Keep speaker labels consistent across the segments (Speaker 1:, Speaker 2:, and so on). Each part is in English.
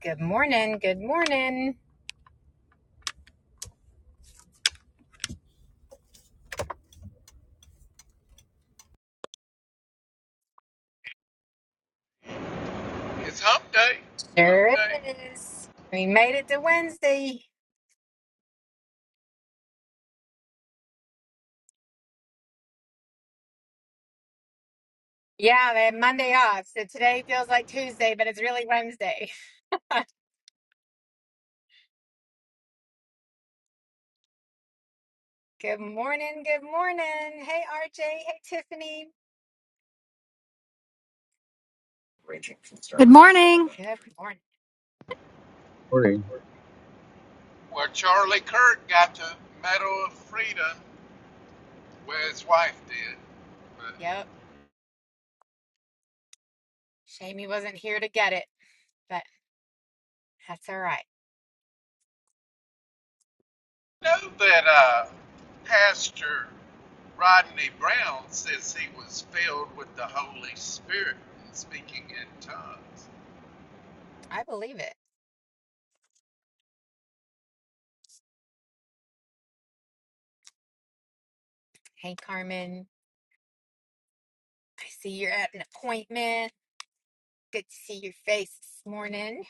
Speaker 1: Good morning. Good morning.
Speaker 2: It's Hump Day. Hump
Speaker 1: Sure
Speaker 2: Day.
Speaker 1: is. We made it to Wednesday. Yeah, they had Monday off. So today feels like Tuesday, but it's really Wednesday. good morning. Good morning. Hey, RJ. Hey, Tiffany.
Speaker 3: Good morning.
Speaker 1: Good morning.
Speaker 4: morning
Speaker 2: Where Charlie Kirk got the Medal of Freedom, where his wife did. But
Speaker 1: Yep. Shame he wasn't here to get it, but that's all right.
Speaker 2: know that uh, Pastor Rodney Brown says he was filled with the Holy Spirit and speaking in tongues.
Speaker 1: I believe it. Hey, Carmen. I see you're at an appointment. Good to see your face this morning.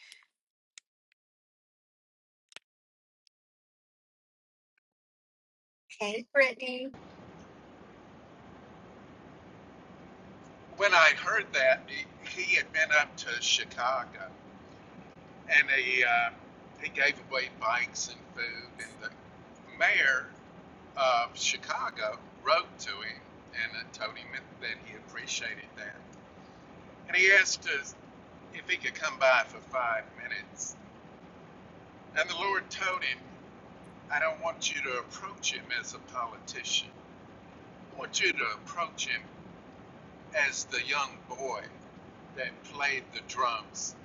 Speaker 1: Hey, Brittany.
Speaker 2: When I heard that, he, he had been up to Chicago and he uh, he gave away bikes and food, and the mayor of Chicago wrote to him and uh, told him that, that he appreciated that. And he asked us if he could come by for five minutes. And the Lord told him, I don't want you to approach him as a politician. I want you to approach him as the young boy that played the drums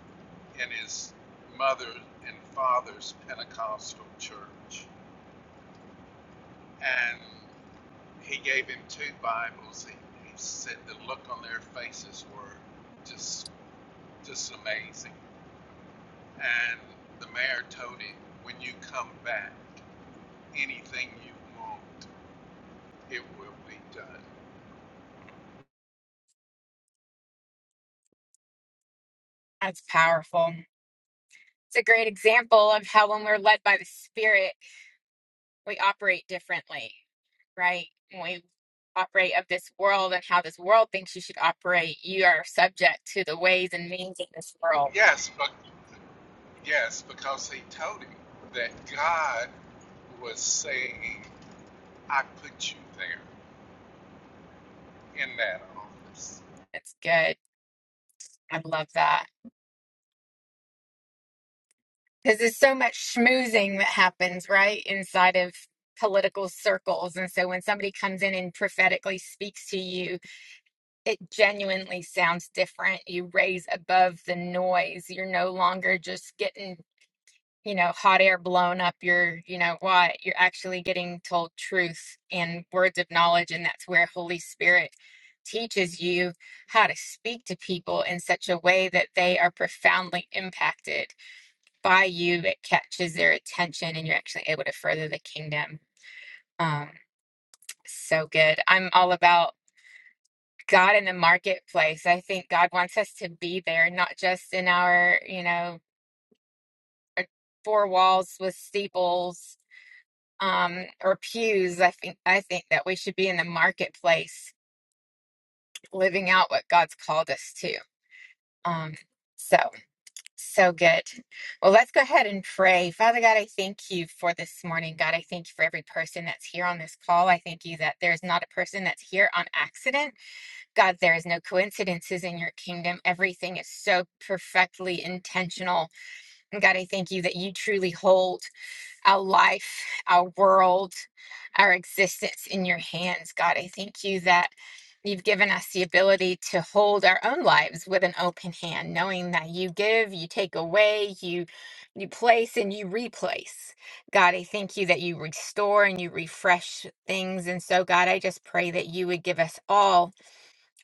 Speaker 2: in his mother and father's Pentecostal church. And he gave him two Bibles. He, he said the look on their faces were just just amazing. And the mayor told him, when you come back, anything you want, it will be done.
Speaker 1: That's powerful. It's a great example of how when we're led by the Spirit, we operate differently, right? When we operate of this world and how this world thinks you should operate, you are subject to the ways and means of this world.
Speaker 2: Yes, but yes, because he told him that God was saying, I put you there in that office.
Speaker 1: That's good. I love that. Because there's so much schmoozing that happens, right, inside of political circles. And so when somebody comes in and prophetically speaks to you, it genuinely sounds different. You raise above the noise. You're no longer just getting you know, hot air blown up your, you know, what, you're actually getting told truth and words of knowledge. And that's where Holy Spirit teaches you how to speak to people in such a way that they are profoundly impacted by you. It catches their attention and you're actually able to further the kingdom. Um, so good. I'm all about God in the marketplace. I think God wants us to be there, not just in our, you know, our four walls with steeples um, or pews, I think I think that we should be in the marketplace, living out what God's called us to. Um, so so good. Well, let's go ahead and pray. Father God, I thank you for this morning. God, I thank you for every person that's here on this call. I thank you that there's not a person that's here on accident. God, there is no coincidences in your kingdom. Everything is so perfectly intentional. And God, I thank you that you truly hold. our life, our world, our existence in your hands, God. I thank you that you've given us the ability to hold our own lives with an open hand, knowing that you give, you take away, you you place and you replace. God, I thank you that you restore and you refresh things. And so, God, I just pray that you would give us all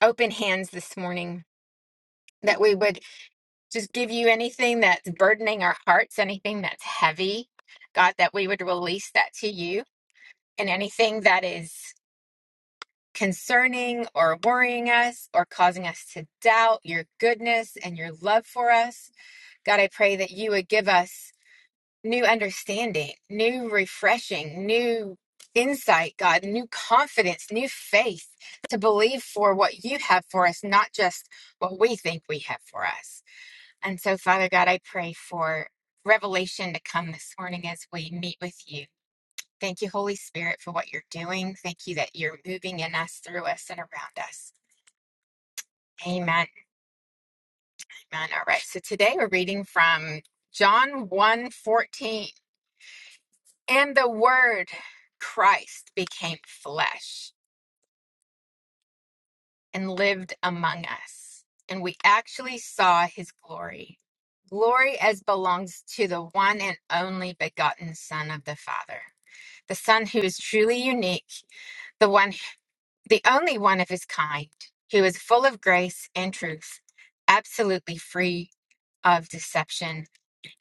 Speaker 1: open hands this morning. That we would just give you anything that's burdening our hearts, anything that's heavy, God, that we would release that to you, and anything that is concerning or worrying us or causing us to doubt your goodness and your love for us. God, I pray that you would give us new understanding, new refreshing, new insight, God, new confidence, new faith to believe for what you have for us, not just what we think we have for us. And so, Father God, I pray for revelation to come this morning as we meet with you. Thank you, Holy Spirit, for what you're doing. Thank you that you're moving in us, through us, and around us. Amen. Amen. All right. So today we're reading from John one 14. And the word Christ became flesh and lived among us. And we actually saw his glory. Glory as belongs to the one and only begotten Son of the Father the Son who is truly unique, the one, the only one of his kind, who is full of grace and truth, absolutely free of deception.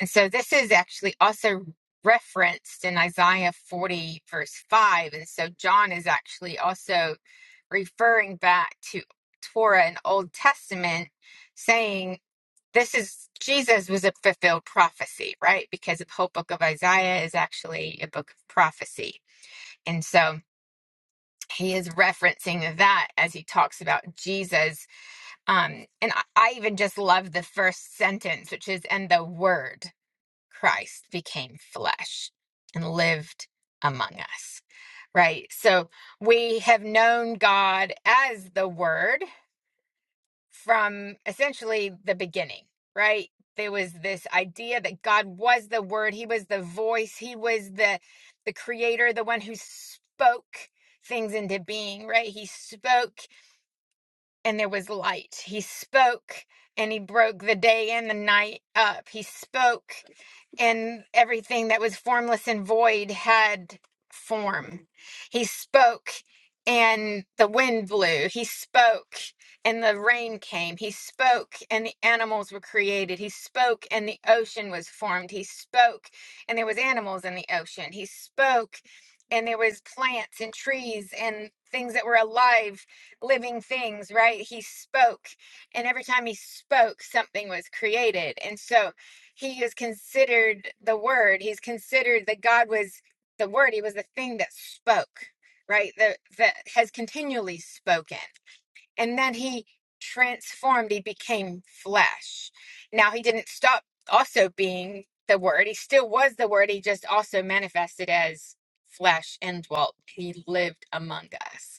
Speaker 1: And so this is actually also referenced in Isaiah 40, verse 5. And so John is actually also referring back to Torah and Old Testament, saying, this is Jesus was a fulfilled prophecy, right? Because the whole book of Isaiah is actually a book of prophecy. And so he is referencing that as he talks about Jesus. Um, and I, I even just love the first sentence, which is, and the word Christ became flesh and lived among us. Right. So we have known God as the word from essentially the beginning, right? There was this idea that God was the word, he was the voice, he was the the creator, the one who spoke things into being, right? He spoke and there was light. He spoke and he broke the day and the night up. He spoke and everything that was formless and void had form. He spoke, and the wind blew. He spoke, and the rain came. He spoke, and the animals were created. He spoke, and the ocean was formed. He spoke, and there was animals in the ocean. He spoke, and there was plants and trees and things that were alive living things right he spoke and every time he spoke something was created and so he is considered the word he's considered that god was the word he was the thing that spoke right that that has continually spoken and then he transformed he became flesh now he didn't stop also being the word he still was the word he just also manifested as flesh and dwelt he lived among us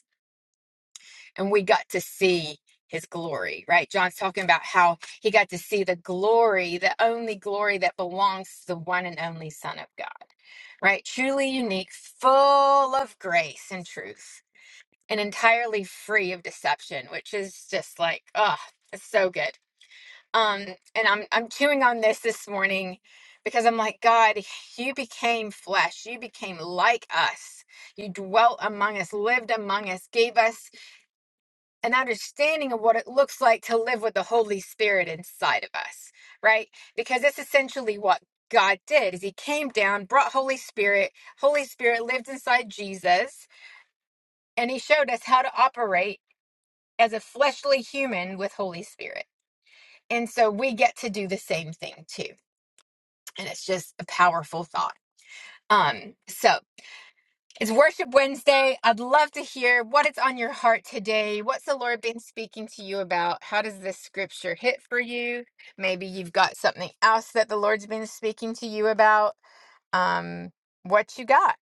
Speaker 1: and we got to see his glory, right? John's talking about how he got to see the glory, the only glory that belongs to the one and only Son of God, right? Truly unique, full of grace and truth, and entirely free of deception, which is just like, oh, it's so good. Um, and I'm I'm chewing on this this morning because I'm like, God, you became flesh, you became like us, you dwelt among us, lived among us, gave us an understanding of what it looks like to live with the Holy Spirit inside of us, right? Because that's essentially what God did is he came down, brought Holy Spirit, Holy Spirit lived inside Jesus, and he showed us how to operate as a fleshly human with Holy Spirit. And so we get to do the same thing too. And it's just a powerful thought. Um so It's Worship Wednesday. I'd love to hear what is on your heart today. What's the Lord been speaking to you about? How does this scripture hit for you? Maybe you've got something else that the Lord's been speaking to you about. Um, what you got?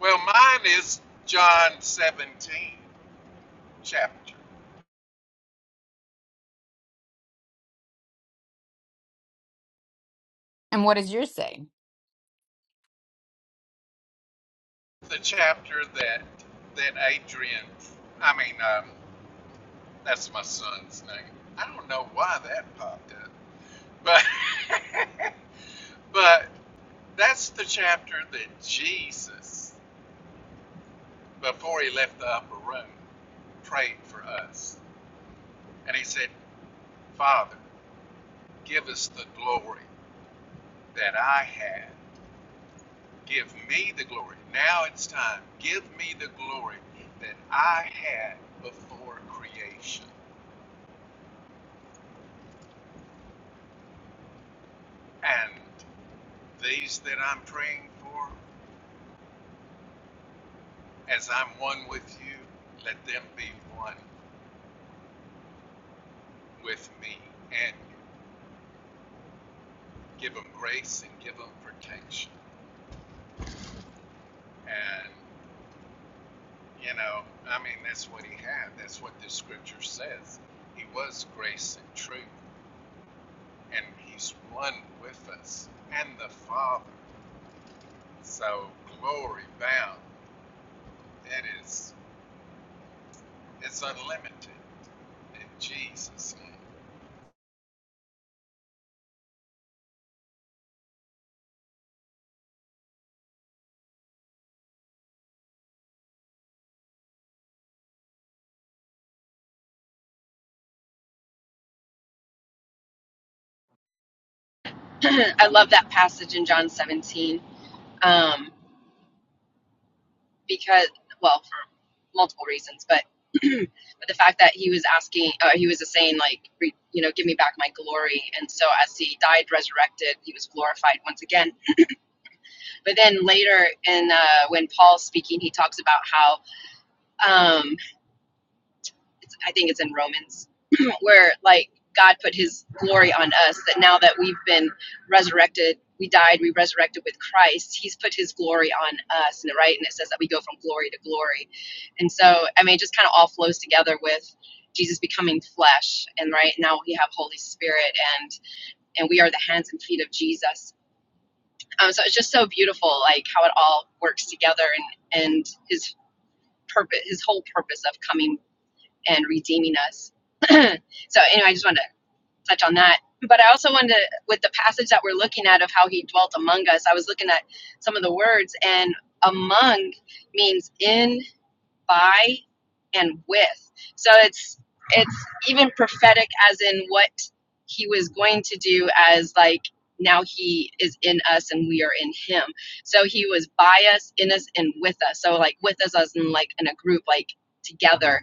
Speaker 2: Well, mine is John 17 chapter.
Speaker 1: And what does yours say?
Speaker 2: the chapter that that Adrian, I mean, um, that's my son's name. I don't know why that popped up, but but that's the chapter that Jesus, before he left the upper room, prayed for us, and he said, "Father, give us the glory that I had. Give me the glory. Now it's time. Give me the glory that I had before creation." And These that I'm praying for, as I'm one with you, let them be one with me and give them grace and give them protection. And, you know, I mean, that's what he had. That's what the scripture says. He was grace and truth, and he's one with us and the Father. So, glory bound, it is, it's unlimited in Jesus' name.
Speaker 5: I love that passage in John 17 um, because, well, for multiple reasons, but but the fact that he was asking, uh, he was saying like, re, you know, give me back my glory. And so as he died, resurrected, he was glorified once again. But then later, in uh, when Paul's speaking, he talks about how um, it's, I think it's in Romans where like God put his glory on us that now that we've been resurrected, we died, we resurrected with Christ, he's put his glory on us and right and it says that we go from glory to glory. And so I mean it just kind of all flows together with Jesus becoming flesh and right now we have Holy Spirit and and we are the hands and feet of Jesus. Um, so it's just so beautiful like how it all works together and and his purpose his whole purpose of coming and redeeming us. so anyway, I just wanted to touch on that. But I also wanted to, with the passage that we're looking at of how he dwelt among us, I was looking at some of the words, and among means in, by, and with. So it's it's even prophetic as in what he was going to do as like now he is in us and we are in him. So he was by us, in us, and with us. So like with us as in like in a group, like together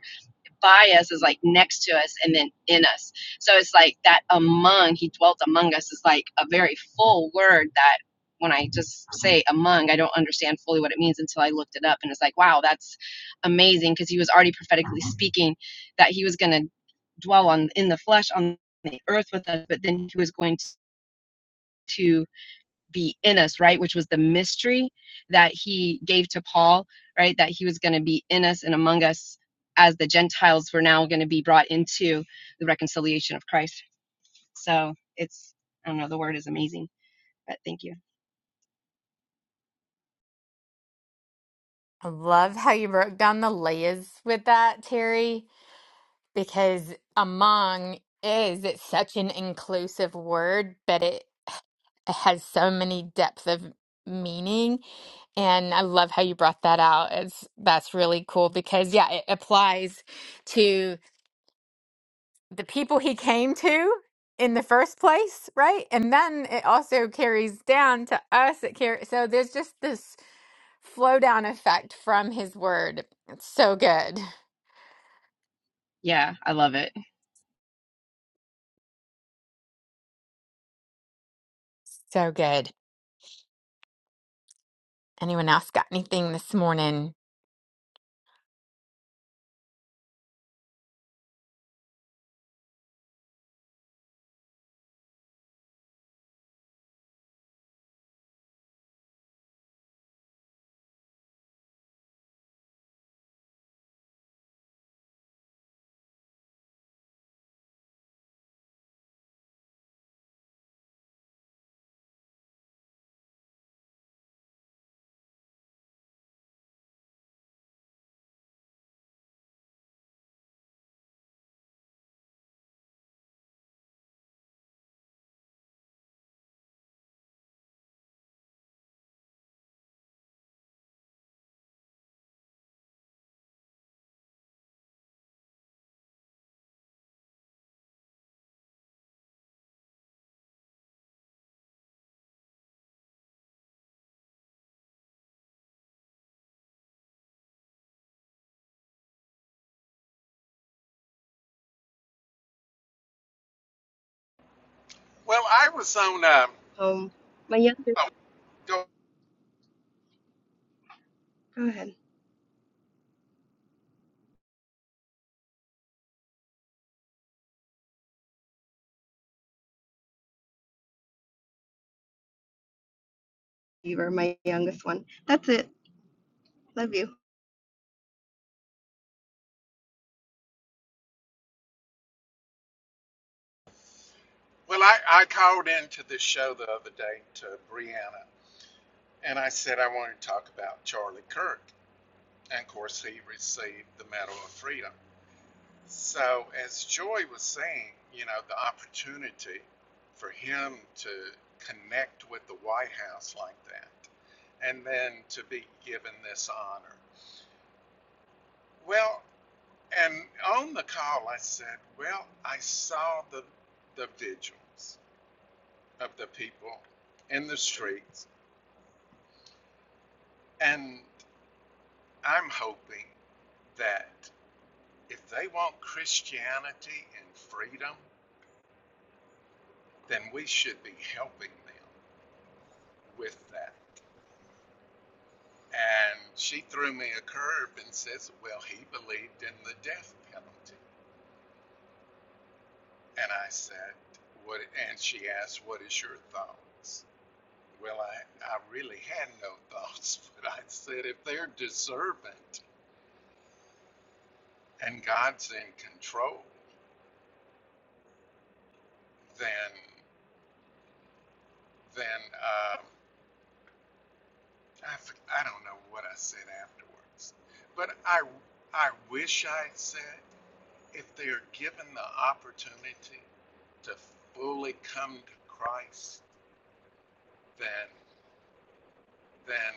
Speaker 5: Bias is like next to us and then in us. So it's like that among, he dwelt among us is like a very full word that when I just say among, I don't understand fully what it means until I looked it up. And it's like, wow, that's amazing because he was already prophetically speaking that he was going to dwell on in the flesh on the earth with us, but then he was going to be in us, right? Which was the mystery that he gave to Paul, right? That he was going to be in us and among us as the Gentiles were now going to be brought into the reconciliation of Christ. So it's, I don't know, the word is amazing, but thank you.
Speaker 1: I love how you broke down the layers with that, Terry, because among is it's such an inclusive word, but it it has so many depth of meaning. And I love how you brought that out. It's that's really cool because yeah, it applies to the people he came to in the first place, right? And then it also carries down to us. It car- so there's just this flow down effect from his word. It's so good.
Speaker 5: Yeah, I love it.
Speaker 1: So good. Anyone else got anything this morning?
Speaker 2: Well, I was on, um,
Speaker 6: Um, my youngest,
Speaker 2: oh, go
Speaker 6: go ahead. You were my youngest one. That's it. Love you.
Speaker 2: Well, I, I called into this show the other day to Brianna, and I said I wanted to talk about Charlie Kirk. And of course, he received the Medal of Freedom. So, as Joy was saying, you know, the opportunity for him to connect with the White House like that, and then to be given this honor. Well, and on the call, I said, Well, I saw the, the vigils of the people in the streets And I'm hoping that if they want Christianity and freedom, then we should be helping them with that. And she threw me a curve and says, Well, he believed in the death penalty. And I said, What? And she asked, What is your thoughts? Well, I, I really had no thoughts, but I said, If they're deserving and God's in control, then, then, um, I f- I don't know what I said afterwards, but I, I wish I had said if they are given the opportunity to fully come to Christ, then, then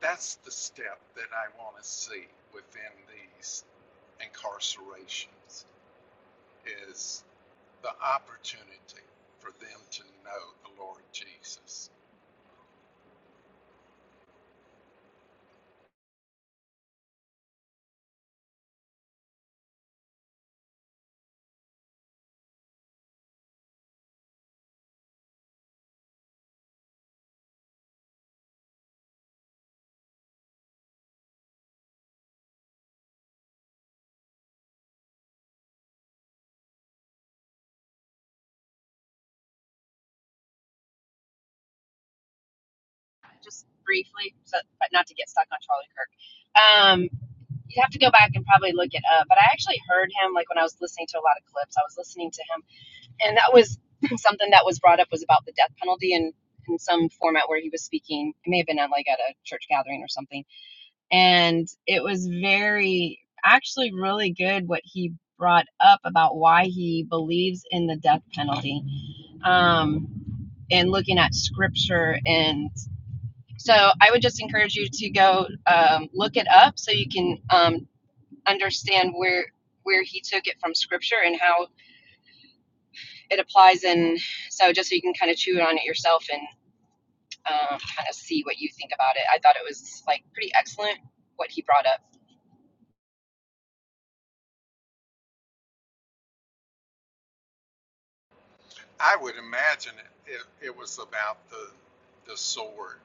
Speaker 2: that's the step that I want to see within these incarcerations is the opportunity for them to know the Lord Jesus.
Speaker 5: Just briefly, so, but not to get stuck on Charlie Kirk. Um, you'd have to go back and probably look it up, but I actually heard him like when I was listening to a lot of clips. I was listening to him and that was something that was brought up was about the death penalty in in some format where he was speaking it may have been at like at a church gathering or something and it was very actually really good what he brought up about why he believes in the death penalty um, and looking at scripture and so i would just encourage you to go um, look it up so you can um, understand where where he took it from scripture and how it applies in so just so you can kind of chew on it yourself and um, kind of see what you think about it i thought it was like pretty excellent what he brought up
Speaker 2: I would imagine it, it, it was about the the sword,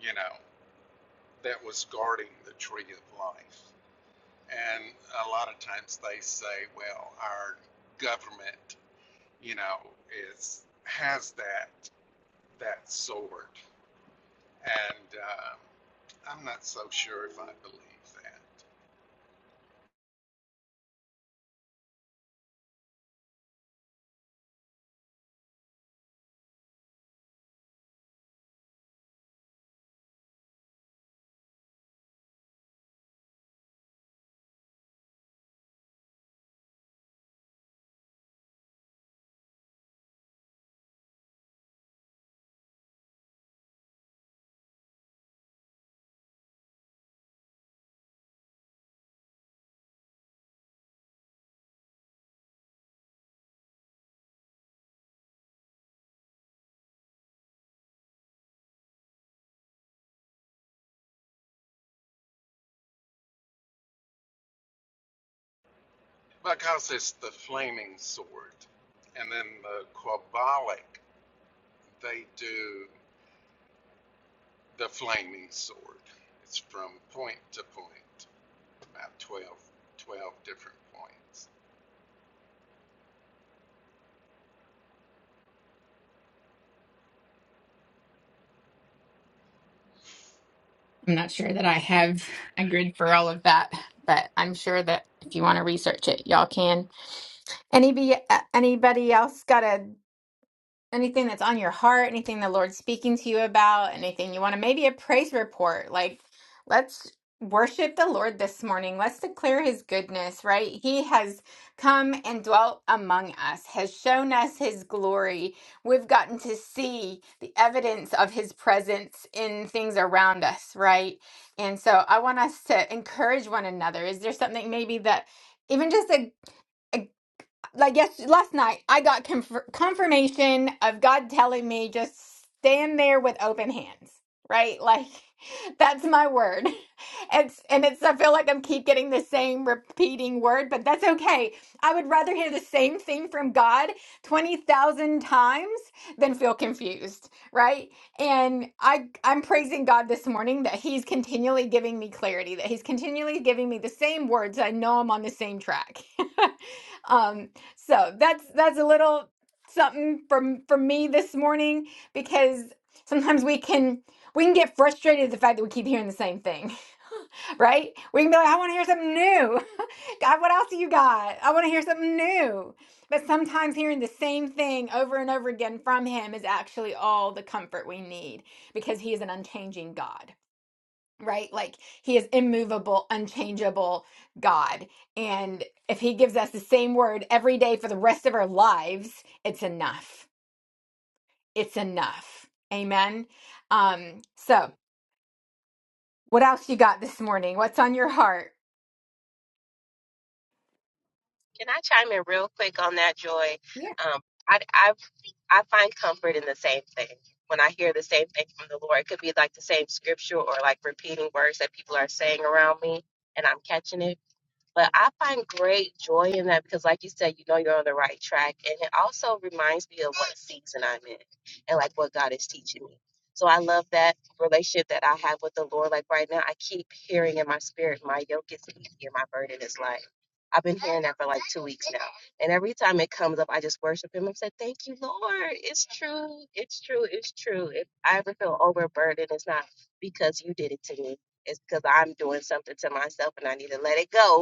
Speaker 2: you know, that was guarding the tree of life. And a lot of times they say, well, our government, you know, is has that that sword, and um, I'm not so sure if I believe that because it's the flaming sword, and then the Quabalic, they do the flaming sword. It's from point to point, about 12, 12 different points.
Speaker 1: I'm not sure that I have a grid for all of that, but I'm sure that if you want to research it, y'all can. Anybody, anybody else got a anything that's on your heart, anything the Lord's speaking to you about, anything you want to, maybe a praise report. Like, let's worship the Lord this morning. Let's declare his goodness, right? He has come and dwelt among us, has shown us his glory. We've gotten to see the evidence of his presence in things around us, right? And so I want us to encourage one another. Is there something maybe that even just a a like yes last night i got conf- confirmation of god telling me just stand there with open hands right like that's my word it's and it's i feel like i'm keep getting the same repeating word but that's okay i would rather hear the same thing from god 20,000 times than feel confused right and i i'm praising god this morning that he's continually giving me clarity that he's continually giving me the same words i know i'm on the same track um so that's that's a little something from from me this morning because sometimes we can we can get frustrated at the fact that we keep hearing the same thing, right? We can be like, I want to hear something new. God, what else do you got? I want to hear something new. But sometimes hearing the same thing over and over again from him is actually all the comfort we need because he is an unchanging God right? Like he is immovable, unchangeable God. And if he gives us the same word every day for the rest of our lives, it's enough. It's enough. Amen. Um, so what else you got this morning? What's on your heart?
Speaker 7: Can I chime in real quick on that, Joy?
Speaker 1: Yeah.
Speaker 7: Um, I, I I find comfort in the same thing. When I hear the same thing from the Lord, it could be like the same scripture or like repeating words that people are saying around me, and I'm catching it. But I find great joy in that because, like you said, you know you're on the right track. And it also reminds me of what season I'm in and like what God is teaching me. So I love that relationship that I have with the Lord. Like right now, I keep hearing in my spirit, my yoke is easy and my burden is light. I've been hearing that for like two weeks now. And every time it comes up, I just worship Him. I said, Thank you, Lord. It's true. It's true. It's true. If I ever feel overburdened, it's not because you did it to me, it's because I'm doing something to myself and I need to let it go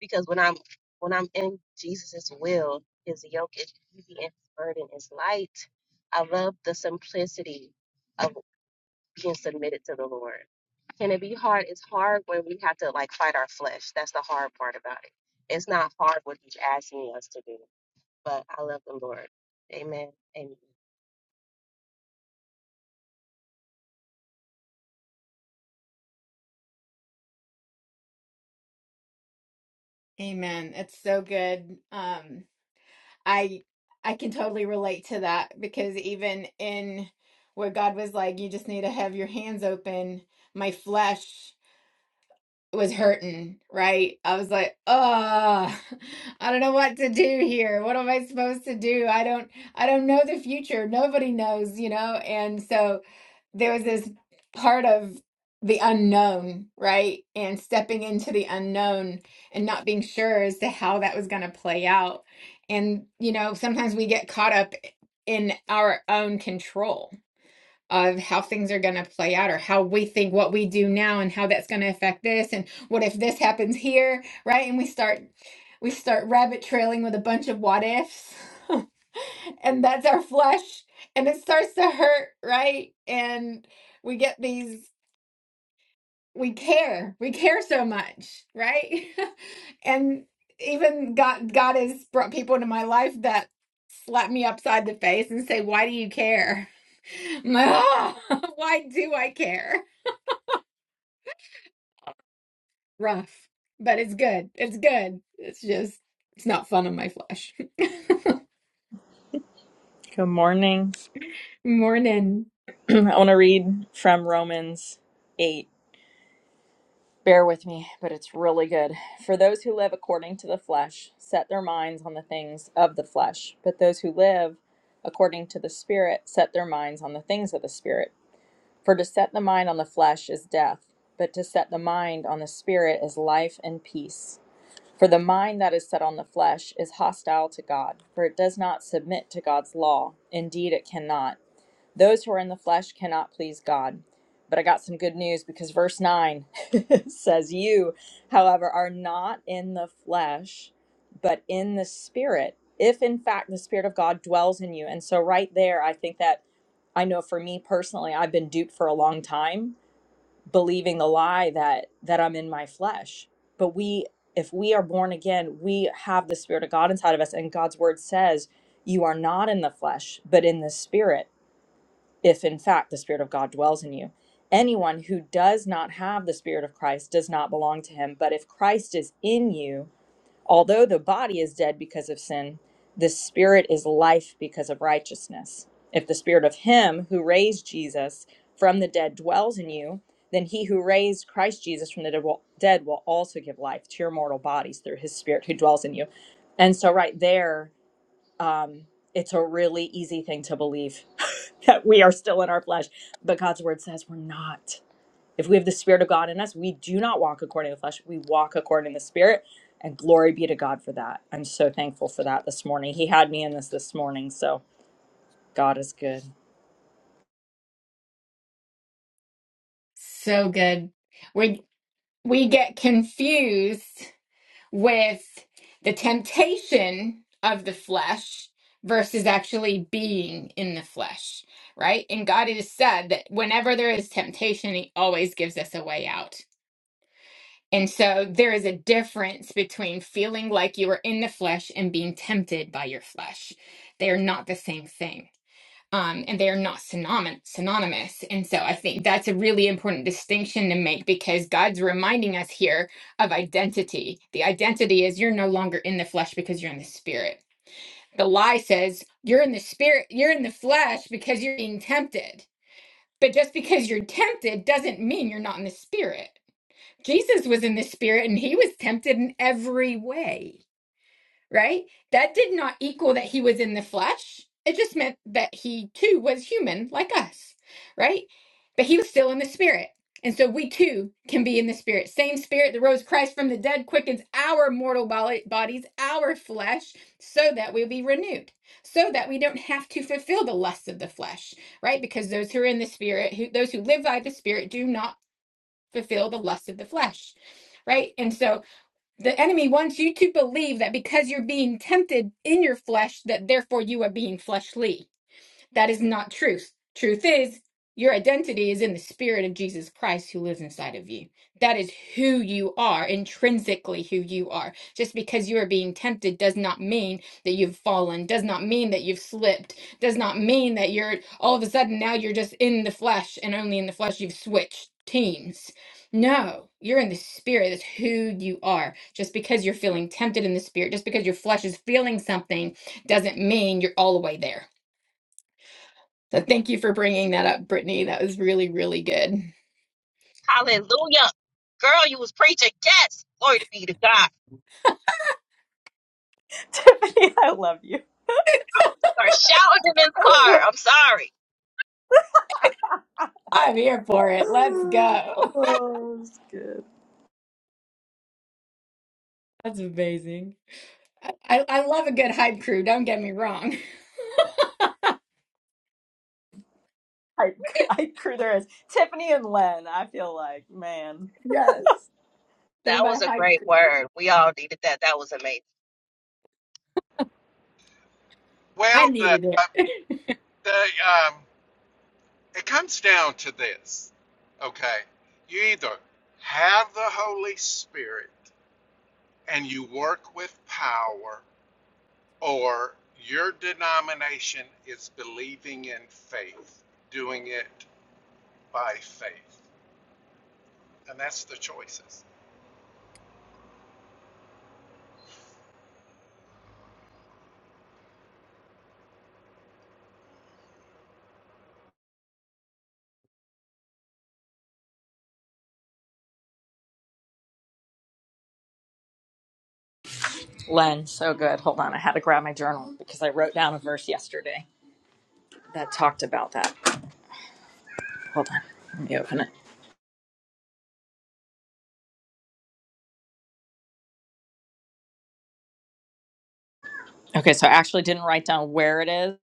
Speaker 7: because when I'm when I'm in Jesus's will, his yoke is easy and his burden is light. I love the simplicity of being submitted to the Lord. Can it be hard? It's hard when we have to like fight our flesh. That's the hard part about it. It's not hard what he's asking us to do, but I love the Lord. Amen. Amen.
Speaker 1: Amen. It's so good. Um, I I can totally relate to that because even in where God was like, you just need to have your hands open, my flesh was hurting, right? I was like, "Oh, I don't know what to do here. What am I supposed to do? I don't I don't know the future. Nobody knows, you know?" And so there was this part of the unknown, right? And stepping into the unknown and not being sure as to how that was going to play out. And, you know, sometimes we get caught up in our own control of how things are going to play out or how we think what we do now and how that's going to affect this and what if this happens here right and we start we start rabbit trailing with a bunch of what ifs and that's our flesh and it starts to hurt right and we get these we care we care so much right and even god god has brought people into my life that slap me upside the face and say why do you care Why do I care? Rough, but it's good. It's good. It's just, it's not fun on my flesh.
Speaker 8: Good morning.
Speaker 1: Morning.
Speaker 8: I want to read from Romans 8. Bear with me, but it's really good. For those who live according to the flesh set their minds on the things of the flesh, but those who live according to the Spirit set their minds on the things of the Spirit. For to set the mind on the flesh is death, but to set the mind on the Spirit is life and peace. For the mind that is set on the flesh is hostile to God, for it does not submit to God's law. Indeed, it cannot. Those who are in the flesh cannot please God. But I got some good news because verse 9 says, You, however, are not in the flesh, but in the spirit, if in fact the spirit of God dwells in you. And so, right there, I think that I know for me personally, I've been duped for a long time believing the lie that that I'm in my flesh. But we if we are born again, we have the spirit of God inside of us and God's word says you are not in the flesh, but in the spirit if in fact the Spirit of God dwells in you. Anyone who does not have the Spirit of Christ does not belong to him. But if Christ is in you, although the body is dead because of sin, the Spirit is life because of righteousness. If the Spirit of him who raised Jesus from the dead dwells in you, then he who raised Christ Jesus from the dead will, dead will also give life to your mortal bodies through his Spirit who dwells in you. And so, right there, um, it's a really easy thing to believe that we are still in our flesh, but God's word says we're not. If we have the Spirit of God in us, we do not walk according to the flesh. We walk according to the Spirit, and glory be to God for that. I'm so thankful for that this morning. He had me in this this morning, so God is good.
Speaker 1: So good. We we get confused with the temptation of the flesh versus actually being in the flesh, right? And God has said that whenever there is temptation, he always gives us a way out And so there is a difference between feeling like you are in the flesh and being tempted by your flesh. They are not the same thing. Um, and they are not synony- synonymous. And so I think that's a really important distinction to make because God's reminding us here of identity. The identity is you're no longer in the flesh because you're in the spirit. The lie says you're in the spirit, you're in the flesh because you're being tempted. But just because you're tempted doesn't mean you're not in the spirit Jesus was in the spirit and he was tempted in every way, right? That did not equal that he was in the flesh. It just meant that he too was human like us, right? But he was still in the spirit. And so we too can be in the spirit. Same spirit that rose Christ from the dead quickens our mortal bo- bodies, our flesh, so that we'll be renewed, so that we don't have to fulfill the lusts of the flesh, right? Because those who are in the spirit, who, those who live by the spirit, do not fulfill the lust of the flesh. Right. And so the enemy wants you to believe that because you're being tempted in your flesh, that therefore you are being fleshly that is not truth. Truth is, your identity is in the spirit of Jesus Christ who lives inside of you. That is who you are, intrinsically who you are. Just because you are being tempted does not mean that you've fallen, does not mean that you've slipped, does not mean that you're all of a sudden now you're just in the flesh and only in the flesh you've switched teams. No, you're in the spirit. That's who you are. Just because you're feeling tempted in the spirit, just because your flesh is feeling something, doesn't mean you're all the way there so thank you for bringing that up, Brittany. That was really, really good.
Speaker 7: Hallelujah. Girl, you was preaching. Yes. Glory to be to God.
Speaker 8: Tiffany, I love you.
Speaker 7: Just Start shouting in this car. I'm sorry.
Speaker 1: I'm here for it. Let's go.
Speaker 8: oh, it's good.
Speaker 1: That's amazing. I, I I love a good hype crew. Don't get me wrong.
Speaker 8: I, I crew there is Tiffany and Len. I feel like man.
Speaker 1: Yes, they're
Speaker 7: That
Speaker 1: my
Speaker 7: was a
Speaker 1: hype
Speaker 7: great
Speaker 1: crew.
Speaker 7: word. We all needed that. That was amazing.
Speaker 1: I
Speaker 2: Well, the
Speaker 1: needed it.
Speaker 2: the, um, it comes down to this, okay? You either have the Holy Spirit and you work with power, or your denomination is believing in faith, doing it by faith. And that's the choices.
Speaker 8: Len, so good. Hold on. I had to grab my journal because I wrote down a verse yesterday that talked about that. Hold on. Let me open it. Okay, so I actually didn't write down where it is.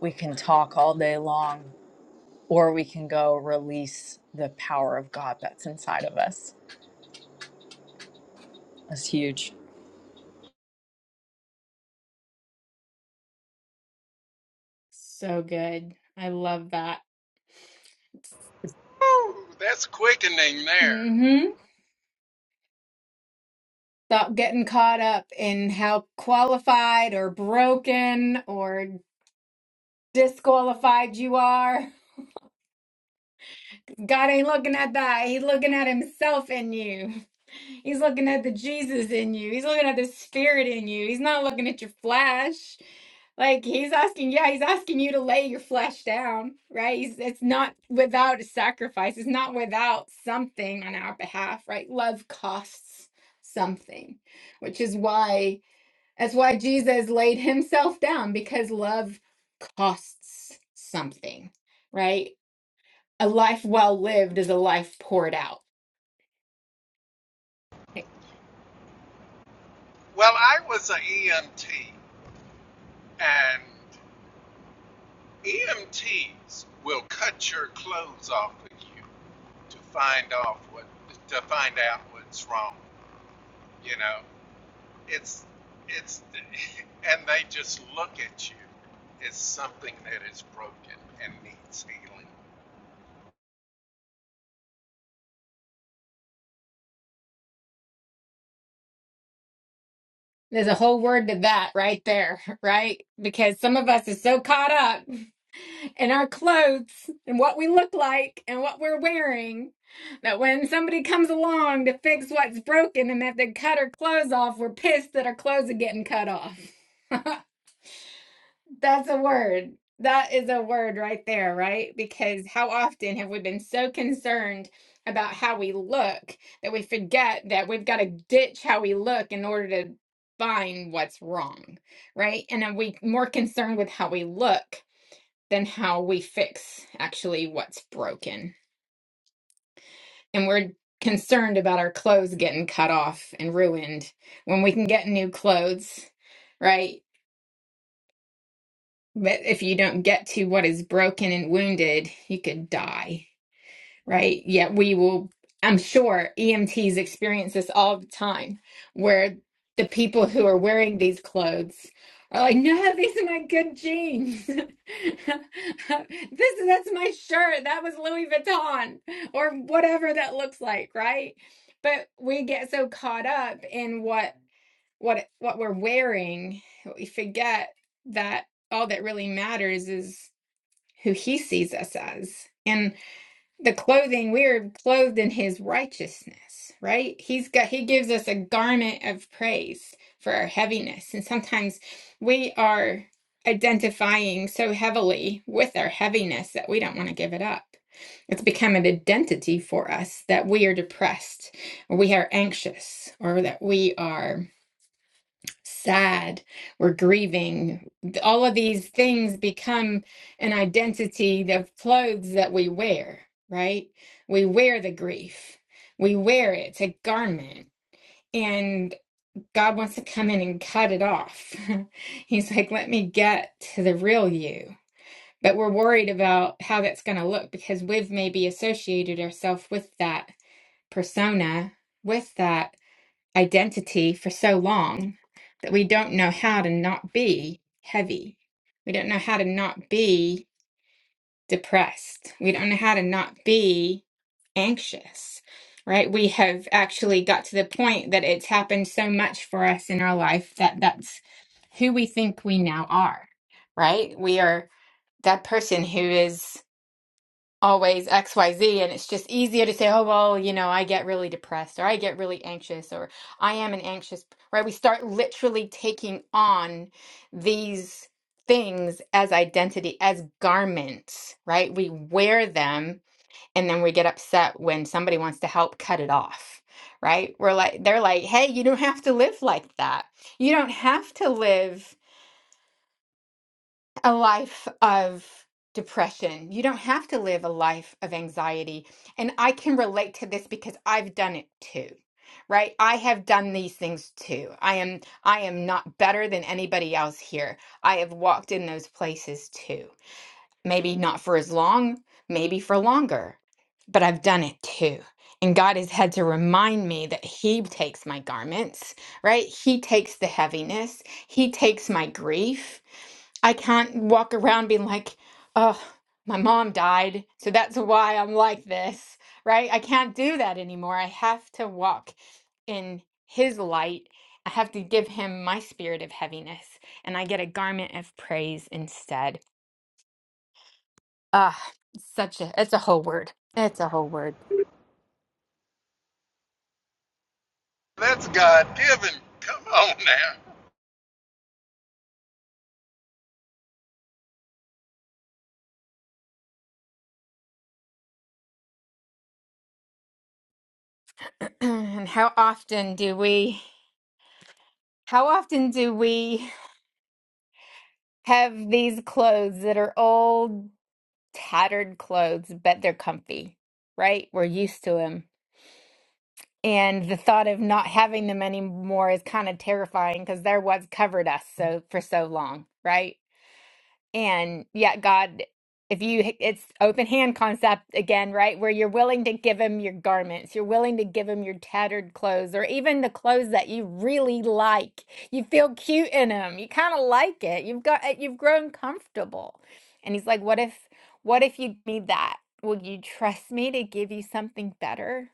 Speaker 8: We can talk all day long, or we can go release the power of God that's inside of us. That's huge.
Speaker 1: so good. I love that.
Speaker 2: Ooh, that's quickening there.
Speaker 1: Mm-hmm. Stop getting caught up in how qualified or broken or disqualified you are. God ain't looking at that. He's looking at himself in you. He's looking at the Jesus in you. He's looking at the spirit in you. He's not looking at your flesh. Like he's asking, yeah, he's asking you to lay your flesh down, right? He's, it's not without a sacrifice. It's not without something on our behalf, right? Love costs something, which is why that's why Jesus laid himself down because love costs something, right? A life well lived is a life poured out.
Speaker 2: Well, I was an EMT, and EMTs will cut your clothes off of you to find off what to find out what's wrong. You know, it's it's and they just look at you as something that is broken and needs healing.
Speaker 1: There's a whole word to that right there, right? Because some of us is so caught up in our clothes and what we look like and what we're wearing that when somebody comes along to fix what's broken and that they cut our clothes off, we're pissed that our clothes are getting cut off. That's a word. That is a word right there, right? Because how often have we been so concerned about how we look that we forget that we've got to ditch how we look in order to find what's wrong, right? And are we more concerned with how we look than how we fix actually what's broken? And we're concerned about our clothes getting cut off and ruined when we can get new clothes, right? But if you don't get to what is broken and wounded, you could die, right? Yet we will, I'm sure EMTs experience this all the time, where the people who are wearing these clothes are like, no, these are my good jeans. this that's my shirt. That was Louis Vuitton or whatever that looks like, right? But we get so caught up in what what what we're wearing we forget that all that really matters is who he sees us as and the clothing we're clothed in his righteousness right he's got he gives us a garment of praise for our heaviness and sometimes we are identifying so heavily with our heaviness that we don't want to give it up it's become an identity for us that we are depressed or we are anxious or that we are sad, we're grieving. All of these things become an identity of clothes that we wear, right? We wear the grief, we wear it, it's a garment. And God wants to come in and cut it off. He's like, let me get to the real you. But we're worried about how that's going to look because we've maybe associated ourselves with that persona, with that identity for so long that we don't know how to not be heavy. We don't know how to not be depressed. We don't know how to not be anxious, right? We have actually got to the point that it's happened so much for us in our life that that's who we think we now are, right? We are that person who is always XYZ. And it's just easier to say, oh, well, you know, I get really depressed or I get really anxious or I am an anxious, right? We start literally taking on these things as identity, as garments, right? We wear them and then we get upset when somebody wants to help cut it off. Right? We're like, they're like, hey, you don't have to live like that. You don't have to live a life of depression. You don't have to live a life of anxiety. And I can relate to this because I've done it too. Right? I have done these things too. I am I am not better than anybody else here. I have walked in those places too. Maybe not for as long, maybe for longer, but I've done it too. And God has had to remind me that He takes my garments, right? He takes the heaviness, He takes my grief. I can't walk around being like, oh, my mom died, so that's why I'm like this, right? I can't do that anymore. I have to walk in his light. I have to give him my spirit of heaviness, and I get a garment of praise instead. Ah, such a it's a whole word. It's a whole word.
Speaker 2: That's God given. Come on now.
Speaker 1: And how often do we how often do we have these clothes that are old, tattered clothes, but they're comfy, right? We're used to them. And the thought of not having them anymore is kind of terrifying because they're what's covered us so for so long, right? And yet, God, if you, it's open hand concept again, right? Where you're willing to give him your garments, you're willing to give him your tattered clothes, or even the clothes that you really like. You feel cute in them. You kind of like it. You've got, eh, you've grown comfortable. And he's like, what if, what if you need that? Will you trust me to give you something better?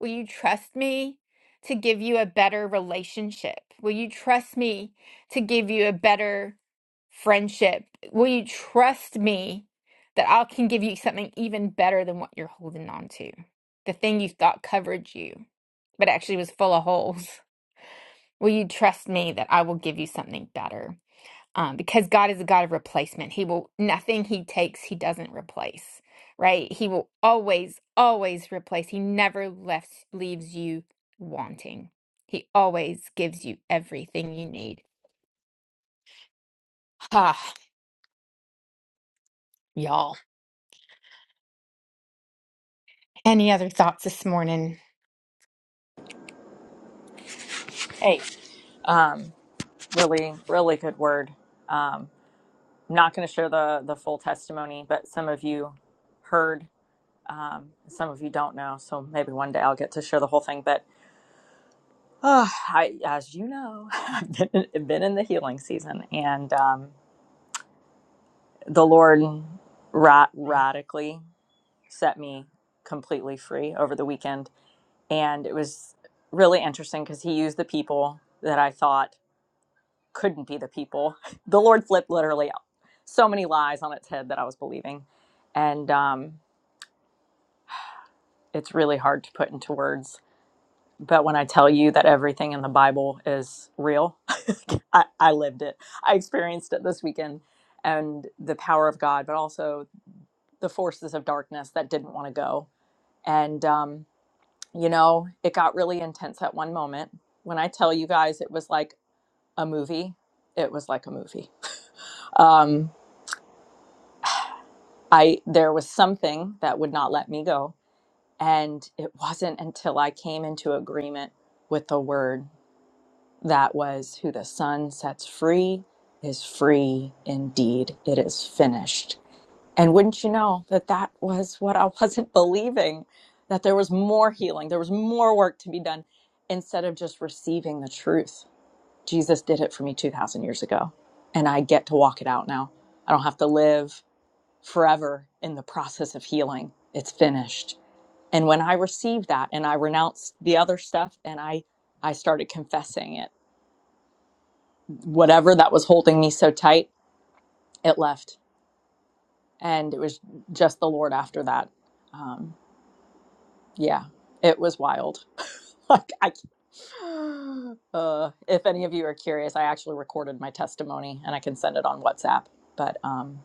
Speaker 1: Will you trust me to give you a better relationship? Will you trust me to give you a better friendship? Will you trust me that I can give you something even better than what you're holding on to? The thing you thought covered you, but actually was full of holes. Will you trust me that I will give you something better? um, because God is a God of replacement. He will, nothing He takes, He doesn't replace, right? He will always, always replace. He never left, leaves you wanting. He always gives you everything you need. Ah, y'all. Any other thoughts this morning?
Speaker 8: Hey, um, really, really good word. Um, I'm not going to share the, the full testimony, but some of you heard, um, some of you don't know. So maybe one day I'll get to share the whole thing. But Oh, I, as you know, I've been, been in the healing season, and um, the Lord ra- radically set me completely free over the weekend. And it was really interesting because He used the people that I thought couldn't be the people. The Lord flipped literally so many lies on its head that I was believing. And um, it's really hard to put into words But when I tell you that everything in the Bible is real, I, I lived it. I experienced it this weekend and the power of God, but also the forces of darkness that didn't want to go. And, um, you know, it got really intense at one moment. When I tell you guys it was like a movie, it was like a movie. Um, I there was something that would not let me go. And it wasn't until I came into agreement with the word That was who the Son sets free is free indeed. It is finished. And wouldn't you know that that was what I wasn't believing, that there was more healing, there was more work to be done instead of just receiving the truth. Jesus did it for me 2,000 years ago, and I get to walk it out now. I don't have to live forever in the process of healing. It's finished. And when I received that and I renounced the other stuff and I I started confessing it whatever that was holding me so tight, it left. And it was just the Lord after that. Um, yeah, it was wild. like, I, uh, if any of you are curious, I actually recorded my testimony and I can send it on WhatsApp. But um,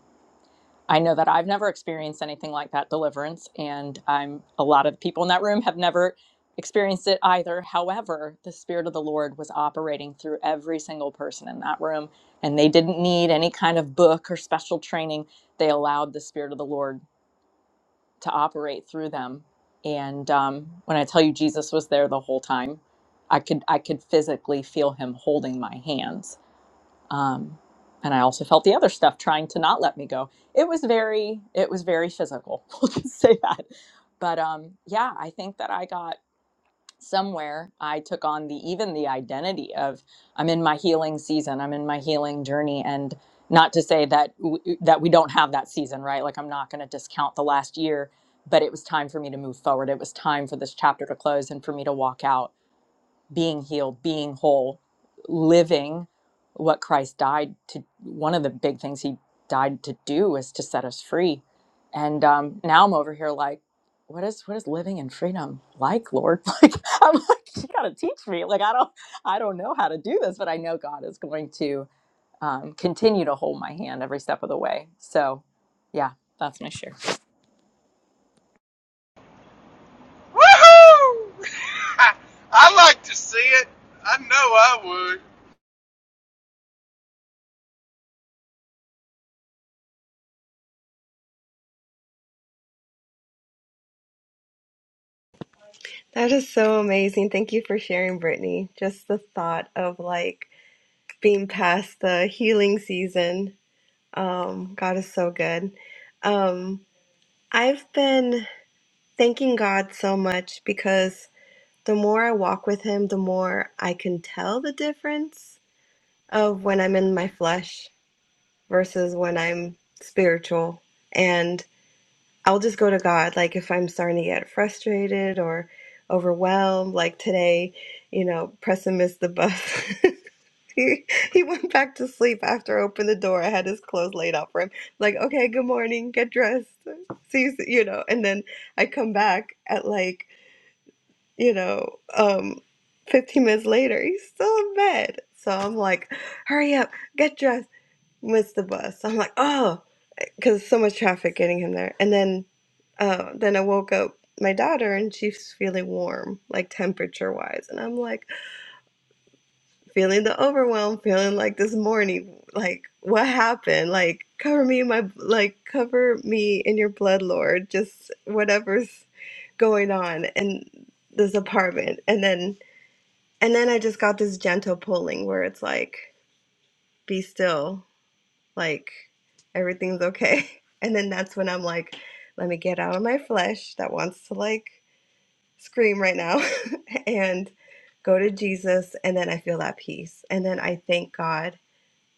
Speaker 8: I know that I've never experienced anything like that deliverance, and I'm a lot of people in that room have never experienced it either. However, the Spirit of the Lord was operating through every single person in that room, and they didn't need any kind of book or special training. They allowed the Spirit of the Lord to operate through them. And um, when I tell you Jesus was there the whole time, I could I could physically feel him holding my hands um, and i also felt the other stuff trying to not let me go it was very it was very physical we'll just say that but um, yeah i think that i got somewhere i took on the even the identity of i'm in my healing season i'm in my healing journey and not to say that w- that we don't have that season right like i'm not going to discount the last year but it was time for me to move forward it was time for this chapter to close and for me to walk out being healed, being whole, living what Christ died to. One of the big things he died to do is to set us free. And um, now I'm over here like, what is what is living in freedom like, Lord? Like I'm like, you gotta teach me. Like I don't I don't know how to do this, but I know God is going to um, continue to hold my hand every step of the way. So, yeah, that's my share.
Speaker 2: Woohoo! I like to see it. I know I would.
Speaker 6: That is so amazing. Thank you for sharing, Brittany. Just the thought of like being past the healing season. Um, God is so good. Um, I've been thanking God so much because the more I walk with Him, the more I can tell the difference of when I'm in my flesh versus when I'm spiritual. and. I'll just go to God. Like if I'm starting to get frustrated or overwhelmed, like today, you know, Preston missed the bus. He, he went back to sleep after I opened the door. I had his clothes laid out for him. Like, okay, good morning, get dressed. See, you s- you know, and then I come back at like, you know, um, 15 minutes later, he's still in bed. So I'm like, hurry up, get dressed, miss the bus. I'm like, oh because so much traffic getting him there. And then, uh, then I woke up my daughter, and she's feeling warm, like temperature wise. And I'm like feeling the overwhelm, feeling like this morning, like what happened? Like cover me in my like cover me in your blood, Lord. Just whatever's going on in this apartment. And then, and then I just got this gentle pulling where it's like, be still like everything's okay. And then that's when I'm like, let me get out of my flesh that wants to like scream right now and go to Jesus. And then I feel that peace. And then I thank God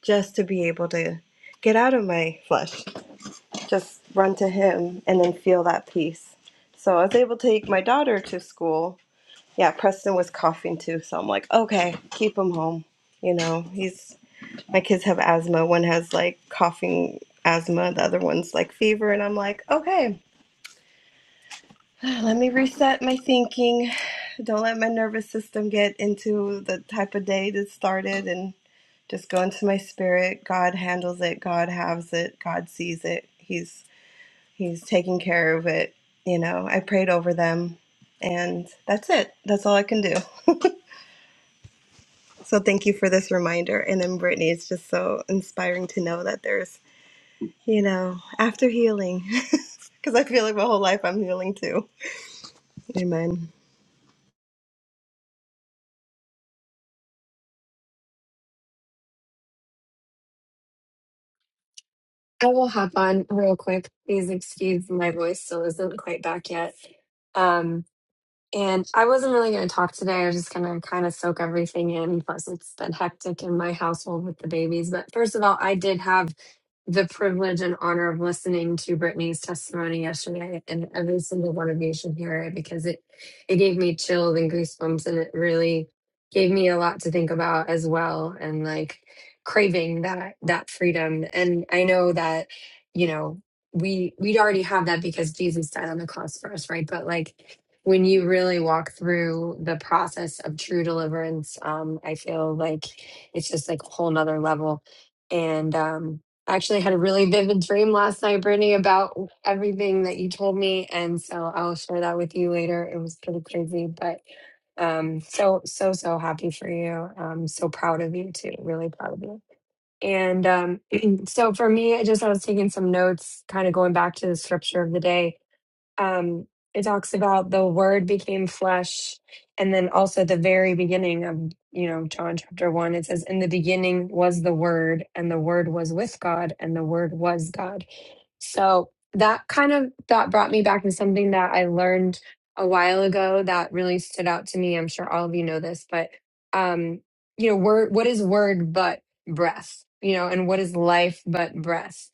Speaker 6: just to be able to get out of my flesh, just run to Him and then feel that peace. So I was able to take my daughter to school. Yeah, Preston was coughing too. So I'm like, okay, keep him home. You know, he's my kids have asthma. One has like coughing asthma, the other one's like fever. And I'm like, okay, let me reset my thinking. Don't let my nervous system get into the type of day that started and just go into my spirit. God handles it, God has it, God sees it. He's He's taking care of it. You know, I prayed over them and that's it. That's all I can do. So thank you for this reminder. And then Brittany, it's just so inspiring to know that there's you know, after healing, because I feel like my whole life I'm healing too. Amen.
Speaker 9: I will hop on real quick. Please excuse my voice still isn't quite back yet. Um, and I wasn't really going to talk today. I was just going to kind of soak everything in. Plus, it's been hectic in my household with the babies. But first of all, I did have the privilege and honor of listening to Brittany's testimony yesterday, and every single one of you should hear it because it it gave me chills and goosebumps, and it really gave me a lot to think about as well, and like craving that that freedom. And I know that you know we we already have that because Jesus died on the cross for us, right? But like when you really walk through the process of true deliverance, um, I feel like it's just like a whole nother level. And um, I actually had a really vivid dream last night, Brittany, about everything that you told me. And so I'll share that with you later. It was pretty crazy, but um, so, so, so happy for you. I'm so proud of you too. Really proud of you. And um, so for me, I just, I was taking some notes, kind of going back to the scripture of the day um, it talks about the word became flesh and then also the very beginning of you know john chapter 1 it says in the beginning was the word and the word was with god and the word was god so that kind of that brought me back to something that i learned a while ago that really stood out to me i'm sure all of you know this but um you know word what is word but breath you know and what is life but breath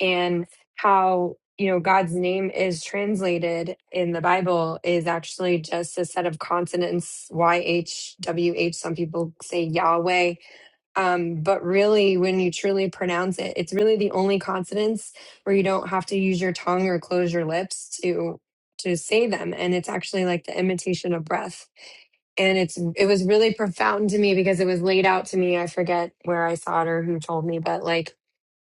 Speaker 9: and how you know, God's name is translated in the Bible is actually just a set of consonants, Y H W H. Some people say Yahweh. Um, but really, when you truly pronounce it, it's really the only consonants where you don't have to use your tongue or close your lips to to say them and it's actually like the imitation of breath and it's it was really profound to me because it was laid out to me i forget where i saw it or who told me but like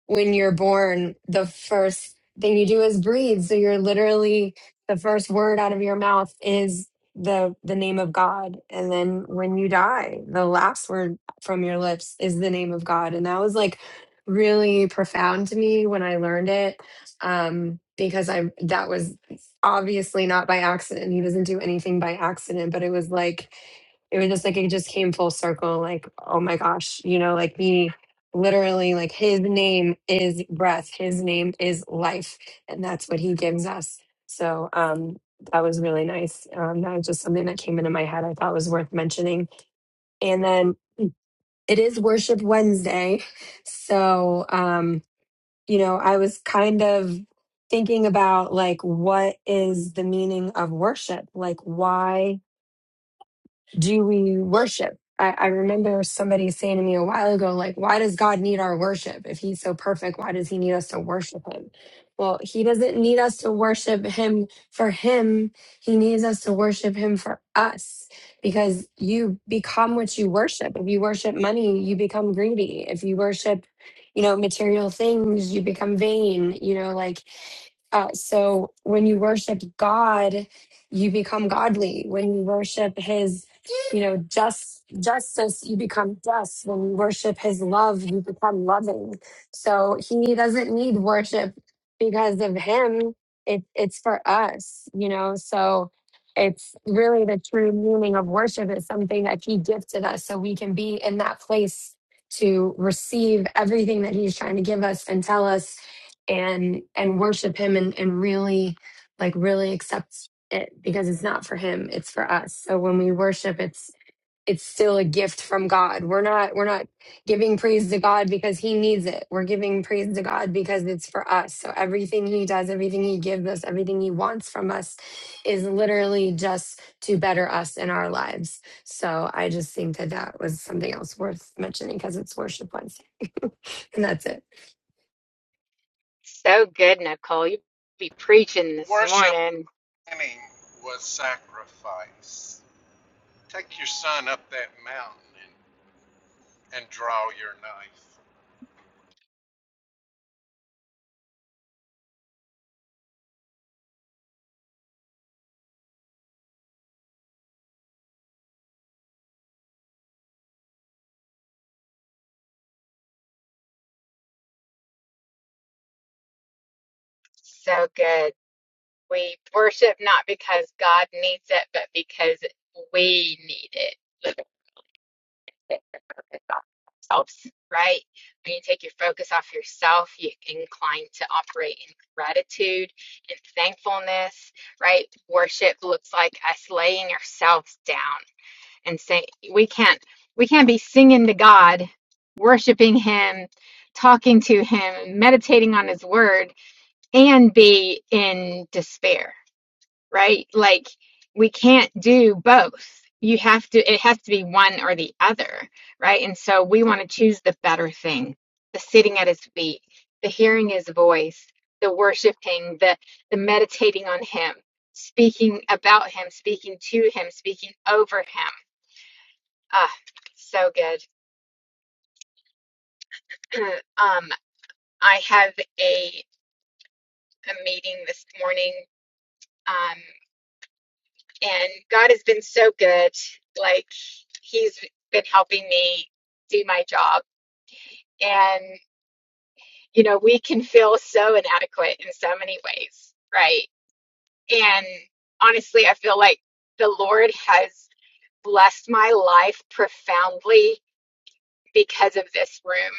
Speaker 9: when you're born, the first thing you do is breathe. So you're literally the first word out of your mouth is the the name of God. And then when you die, the last word from your lips is the name of God. And that was like really profound to me when I learned it. Um because I that was obviously not by accident. He doesn't do anything by accident, but it was like it was just like it just came full circle like oh my gosh, you know, like me literally like his name is breath his name is life and that's what he gives us so um that was really nice um that was just something that came into my head i thought was worth mentioning and then it is worship wednesday so um you know i was kind of thinking about like what is the meaning of worship like why do we worship? I, I remember somebody saying to me a while ago, like, why does God need our worship? If he's so perfect, why does he need us to worship him? Well, he doesn't need us to worship him for him. He needs us to worship him for us because you become what you worship. If you worship money, you become greedy. If you worship, you know, material things, you become vain. You know, like uh, so when you worship God, you become godly. When you worship His, you know, just justice, you become just. When you worship His love, you become loving. So He doesn't need worship because of Him. It, it's for us, you know. So it's really the true meaning of worship is something that He gifted us, so we can be in that place to receive everything that He's trying to give us and tell us and and worship him and, and really like really accept it because it's not for him it's for us so when we worship it's it's still a gift from god we're not we're not giving praise to god because he needs it we're giving praise to god because it's for us so everything he does everything he gives us everything he wants from us is literally just to better us in our lives so i just think that that was something else worth mentioning because it's worship wednesday and that's it.
Speaker 1: So good, Nicole. You be preaching this
Speaker 2: Worshiping
Speaker 1: morning.
Speaker 2: was sacrifice. Take your son up that mountain and, and draw your knife.
Speaker 1: But we worship not because because we did ourselves, right? When you take your focus off yourself, you incline to operate in gratitude and thankfulness, right? Worship looks like us laying ourselves down. and say we can't we can't be singing to God, worshiping him, talking to him, meditating on his word and be in despair, right? Like we can't do both. You have to it has to be one or the other, right? And so we want to choose the better thing, the sitting at his feet, the hearing his voice, the worshiping, the the meditating on him, speaking about him, speaking to him, speaking over him Ah, so good. um, I have a a meeting this morning, um, and God has been so good. Like He's been helping me do my job, and you know we can feel so inadequate in so many ways, right? And honestly, I feel like the Lord has blessed my life profoundly because of this room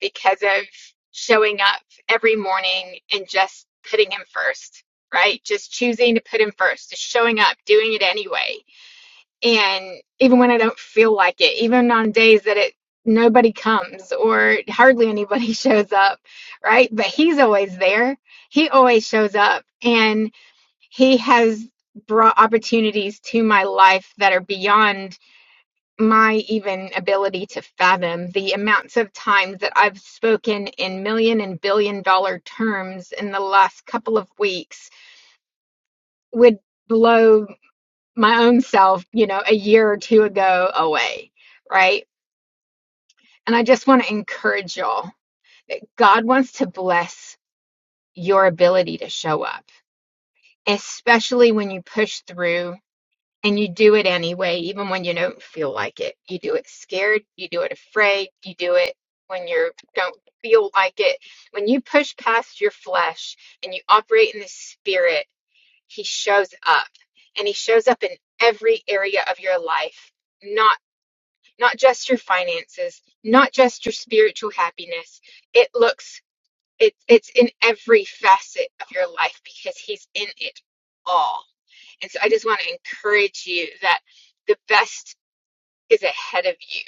Speaker 1: because of showing up every morning and just putting him first, right? Just choosing to put him first, just showing up, doing it anyway. And even when I don't feel like it, even on days that it nobody comes or hardly anybody shows up, right? But he's always there. He always shows up and he has brought opportunities to my life that are beyond my even ability to fathom the amounts of times that I've spoken in million and billion dollar terms in the last couple of weeks would blow my own self, you know, a year or two ago away, right? And I just want to encourage y'all. God wants to bless your ability to show up, especially when you push through And you do it anyway, even when you don't feel like it. You do it scared, you do it afraid, you do it when you don't feel like it. When you push past your flesh and you operate in the spirit, he shows up. And he shows up in every area of your life. Not not just your finances, not just your spiritual happiness. It looks it, it's in every facet of your life because he's in it all and so I just want to encourage you that the best is ahead of you.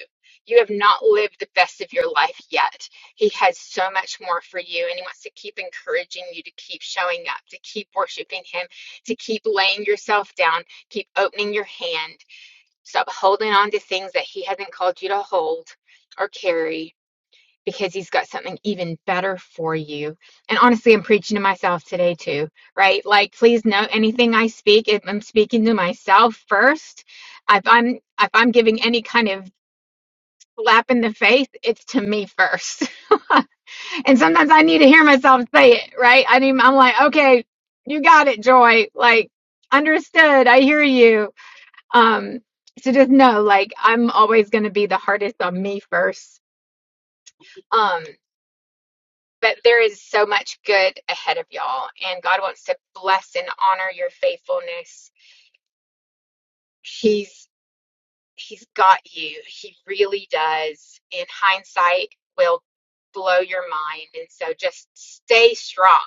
Speaker 1: You have not lived the best of your life yet. He has so much more for you, and He wants to keep encouraging you to keep showing up, to keep worshiping Him, to keep laying yourself down, keep opening your hand. Stop holding on to things that He hasn't called you to hold or carry because he's got something even better for you. And honestly, I'm preaching to myself today too, right? Like, please know anything I speak, if I'm speaking to myself first. If I'm if I'm giving any kind of slap in the face, it's to me first. And sometimes I need to hear myself say it, right? I mean, I'm like, okay, you got it, Joy. Like, understood. I hear you. Um, so just know, like, I'm always going to be the hardest on me first. Um, but there is so much good ahead of y'all and god wants to bless and honor your faithfulness he's he's got you he really does and hindsight will blow your mind and so just stay strong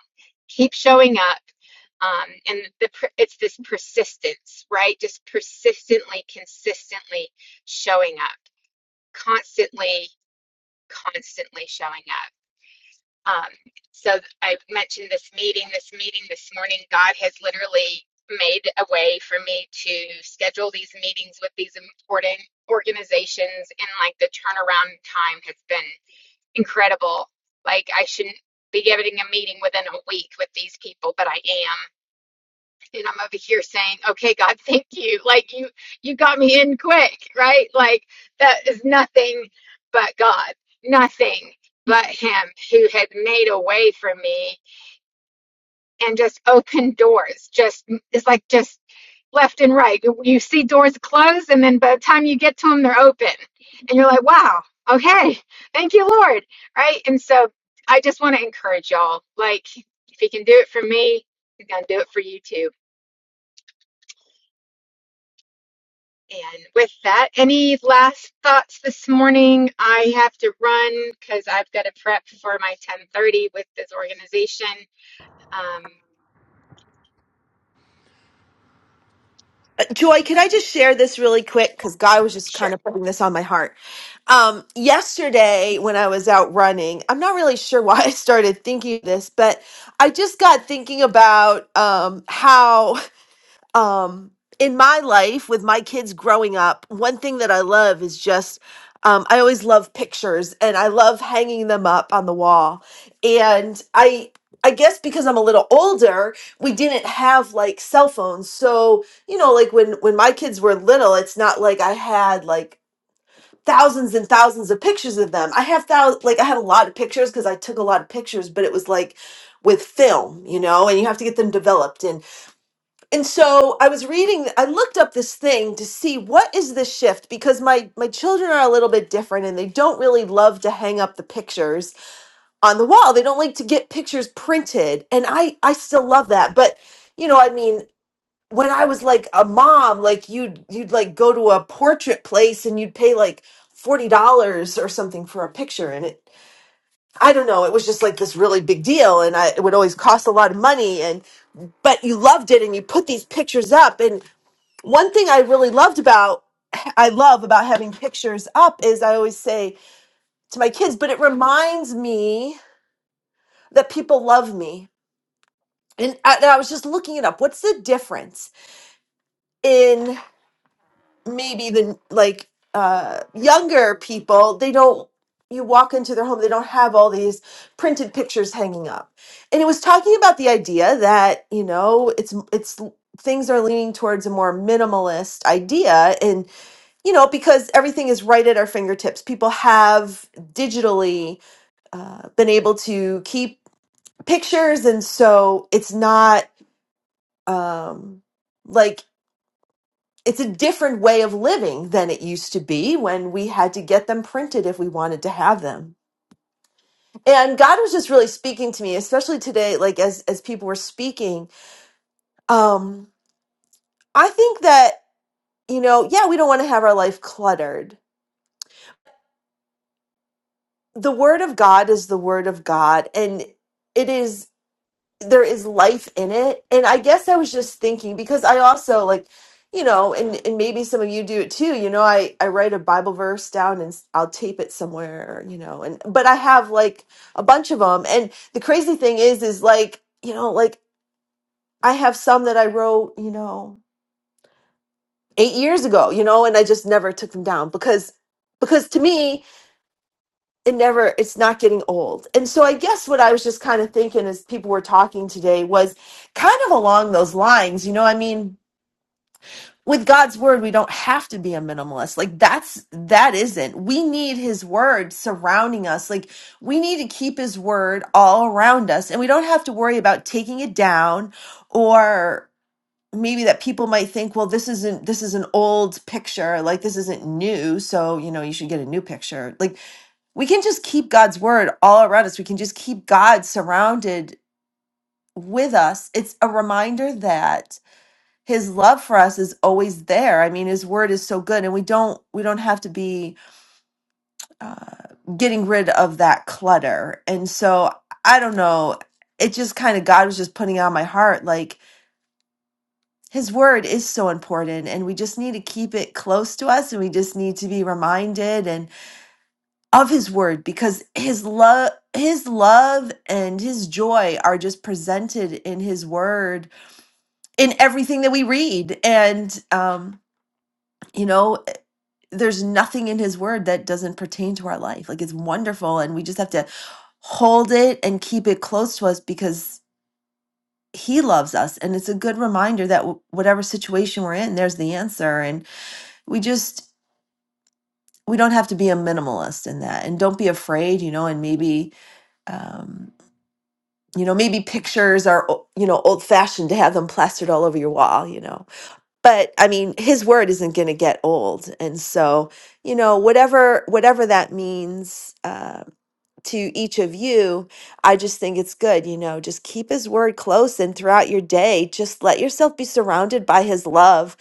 Speaker 1: keep showing up um, and the it's this persistence right just persistently consistently showing up constantly constantly showing up Um, so I mentioned this meeting, this meeting this morning. God has literally made a way for me to schedule these meetings with these important organizations, and like the turnaround time has been incredible. Like, I shouldn't be getting a meeting within a week with these people, but I am and I'm over here saying, "Okay, God, thank you. Like you you got me in quick, right? Like that is nothing but God. Nothing but him who had made a way for me and just opened doors. Just it's like just left and right. You see doors close and then by the time you get to them they're open. And you're like, "Wow. Okay. Thank you, Lord." Right? And so I just want to encourage y'all. Like if he can do it for me, he's going to do it for you too And with that, any last thoughts this morning? I have to run because I've got to prep for my 10:30 with this organization. Um,
Speaker 10: Joy, can I just share this really quick? Because Guy was just
Speaker 1: sure.
Speaker 10: kind of putting this on my heart. Um, yesterday, when I was out running, I'm not really sure why I started thinking of this, but I just got thinking about um, how um in my life with my kids growing up one thing that i love is just um, i always love pictures and i love hanging them up on the wall and i i guess because i'm a little older we didn't have like cell phones so you know like when when my kids were little it's not like i had like thousands and thousands of pictures of them i have thou like i had a lot of pictures because i took a lot of pictures but it was like with film you know and you have to get them developed and and so i was reading i looked up this thing to see what is this shift because my my children are a little bit different and they don't really love to hang up the pictures on the wall they don't like to get pictures printed and i i still love that but you know i mean when i was like a mom like you'd you'd like go to a portrait place and you'd pay like $40 or something for a picture and it i don't know it was just like this really big deal and I, it would always cost a lot of money and but you loved it and you put these pictures up and one thing I really loved about I love about having pictures up is I always say to my kids, but it reminds me that people love me. And I, and I was just looking it up. What's the difference in maybe the like uh, younger people? They don't. You walk into their home, they don't have all these printed pictures hanging up. And it was talking about the idea that you know it's it's things are leaning towards a more minimalist idea and you know, because everything is right at our fingertips. People have digitally uh, been able to keep pictures, and so it's not um, like it's a different way of living than it used to be when we had to get them printed if we wanted to have them. And God was just really speaking to me, especially today, like as as people were speaking. Um, I think that you know, yeah, we don't want to have our life cluttered. The Word of God is the Word of God, and it is there is life in it and i guess i was just thinking because i also like you know and and maybe some of you do it too you know i i write a bible verse down and s- i'll tape it somewhere you know and but i have like a bunch of them and the crazy thing is is like you know like i have some that i wrote you know 8 years ago you know and i just never took them down because because to me it never it's not getting old and so i guess what i was just kind of thinking as people were talking today was kind of along those lines you know i mean with god's word we don't have to be a minimalist like that's that isn't we need his word surrounding us like we need to keep his word all around us and we don't have to worry about taking it down or maybe that people might think well this isn't this is an old picture like this isn't new so you know you should get a new picture like we can just keep God's word all around us. We can just keep God surrounded with us. It's a reminder that his love for us is always there. I mean, his word is so good and we don't we don't have to be uh getting rid of that clutter. And so I don't know, it just kind of God was just putting on my heart like his word is so important and we just need to keep it close to us and we just need to be reminded and. of his word because his love his love and his joy are just presented in his word in everything that we read and um you know there's nothing in his word that doesn't pertain to our life like it's wonderful and we just have to hold it and keep it close to us because he loves us and it's a good reminder that w- whatever situation we're in there's the answer and we just we don't have to be a minimalist in that and don't be afraid you know and maybe um you know maybe pictures are you know old fashioned to have them plastered all over your wall you know but i mean his word isn't going to get old and so you know whatever whatever that means uh, to each of you i just think it's good you know just keep his word close and throughout your day just let yourself be surrounded by his love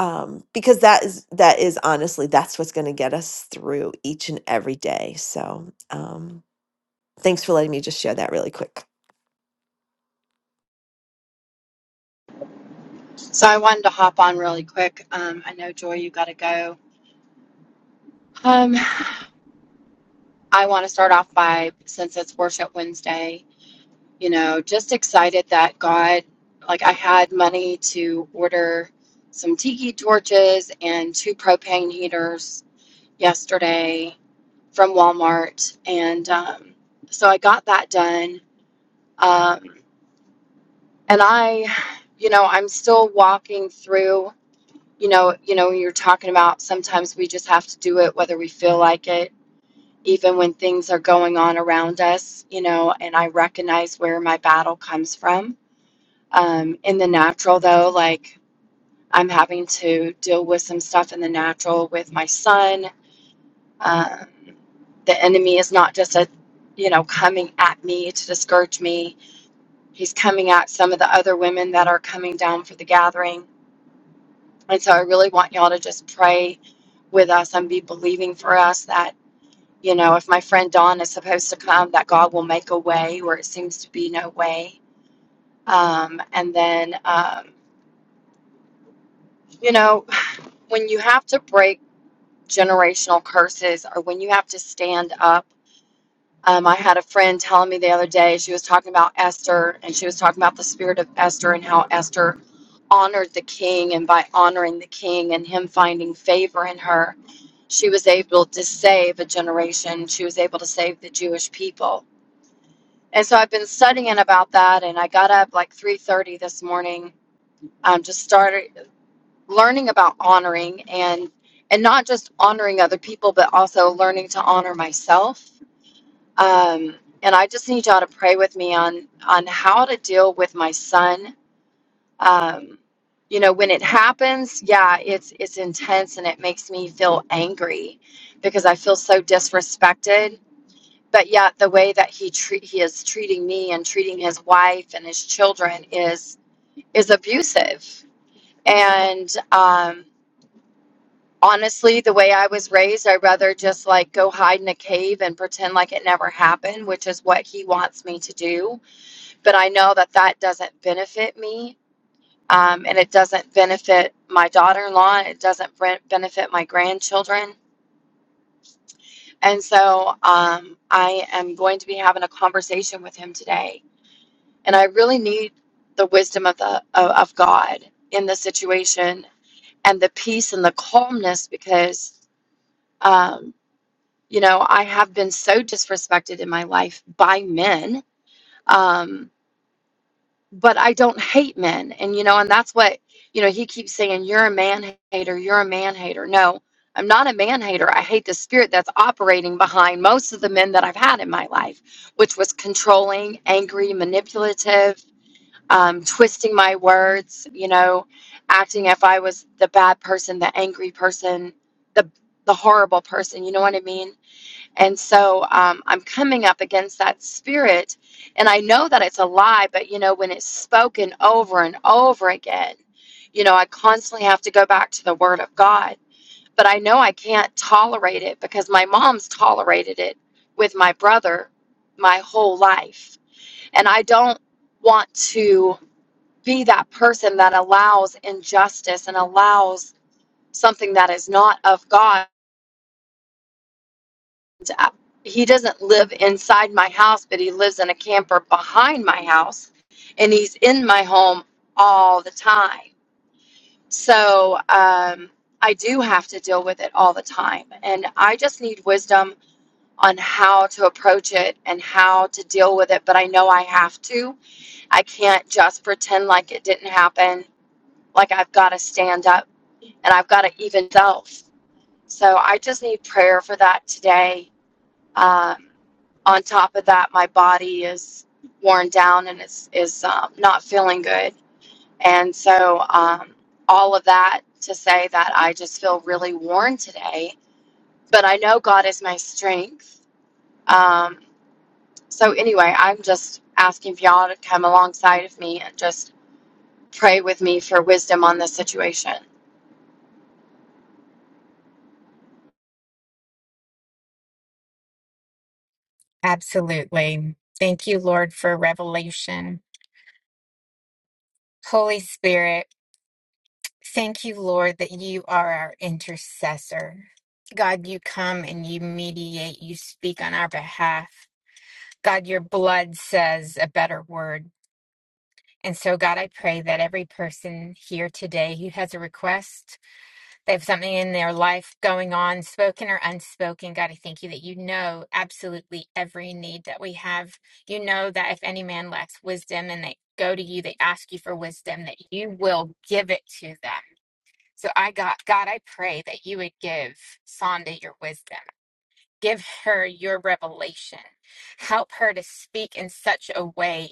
Speaker 10: um, because that is that is honestly that's what's going to get us through each and every day so um, thanks for letting me just share that really quick
Speaker 11: So I wanted to hop on really quick. Um, I know Joy, you got to go. Um, I want to start off by since it's Worship Wednesday, you know, just excited that God, like I had money to order some tiki torches and two propane heaters yesterday from Walmart, and um, so I got that done. Um, and I, you know, I'm still walking through. you know you know you're talking about sometimes we just have to do it whether we feel like it even when things are going on around us you know and i recognize where my battle comes from um, in the natural though like i'm having to deal with some stuff in the natural with my son um, the enemy is not just a you know coming at me to discourage me he's coming at some of the other women that are coming down for the gathering And so I really want y'all to just pray with us and be believing for us that, you know, if my friend Dawn is supposed to come, that God will make a way where it seems to be no way. Um, and then, um, you know, when you have to break generational curses or when you have to stand up, um, I had a friend telling me the other day, she was talking about Esther and she was talking about the spirit of Esther and how Esther honored the king, and by honoring the king and him finding favor in her, she was able to save a generation. She was able to save the Jewish people. And so I've been studying about that, and I got up like 3:30 this morning. Um, just started learning about honoring and and not just honoring other people, but also learning to honor myself. Um, and I just need y'all to pray with me on on how to deal with my son um, you know when it happens yeah it's it's intense and it makes me feel angry because i feel so disrespected but yet the way that he treat he is treating me and treating his wife and his children is is abusive and um honestly the way i was raised i'd rather just like go hide in a cave and pretend like it never happened which is what he wants me to do but i know that that doesn't benefit me um, and it doesn't benefit my daughter-in-law it doesn't bre- benefit my grandchildren and so um, i am going to be having a conversation with him today and i really need the wisdom of the of, of god in the situation and the peace and the calmness because um, you know i have been so disrespected in my life by men um, but I don't hate men. And, you know, and that's what, you know, he keeps saying, you're a man hater, you're a man hater. No, I'm not a man hater. I hate the spirit that's operating behind most of the men that I've had in my life, which was controlling, angry, manipulative, um, twisting my words, you know, acting if I was the bad person, the angry person, the the horrible person, you know what I mean? And so um, I'm coming up against that spirit. And I know that it's a lie, but you know, when it's spoken over and over again, you know, I constantly have to go back to the Word of God. But I know I can't tolerate it because my mom's tolerated it with my brother my whole life. And I don't want to be that person that allows injustice and allows something that is not of God uh, he doesn't live inside my house, but he lives in a camper behind my house, and he's in my home all the time. So um, I do have to deal with it all the time, and I just need wisdom on how to approach it and how to deal with it. But I know I have to. I can't just pretend like it didn't happen. Like I've got to stand up and I've got to even self. So I just need prayer for that today um, on top of that, my body is worn down and is is um, not feeling good. And so, um, all of that to say that I just feel really worn today. But I know God is my strength. Um, so anyway, I'm just asking for y'all to come alongside of me and just pray with me for wisdom on this situation.
Speaker 1: Absolutely. Thank you, Lord, for revelation. Holy Spirit, thank you, Lord, that you are our intercessor. God, you come and you mediate, you speak on our behalf. God, your blood says a better word. And so, God, I pray that every person here today who has a request, They have something in their life going on, spoken or unspoken. God, I thank you that you know absolutely every need that we have. You know that if any man lacks wisdom and they go to you, they ask you for wisdom, that you will give it to them. So I got, God, I pray that you would give Sonda your wisdom. Give her your revelation. Help her to speak in such a way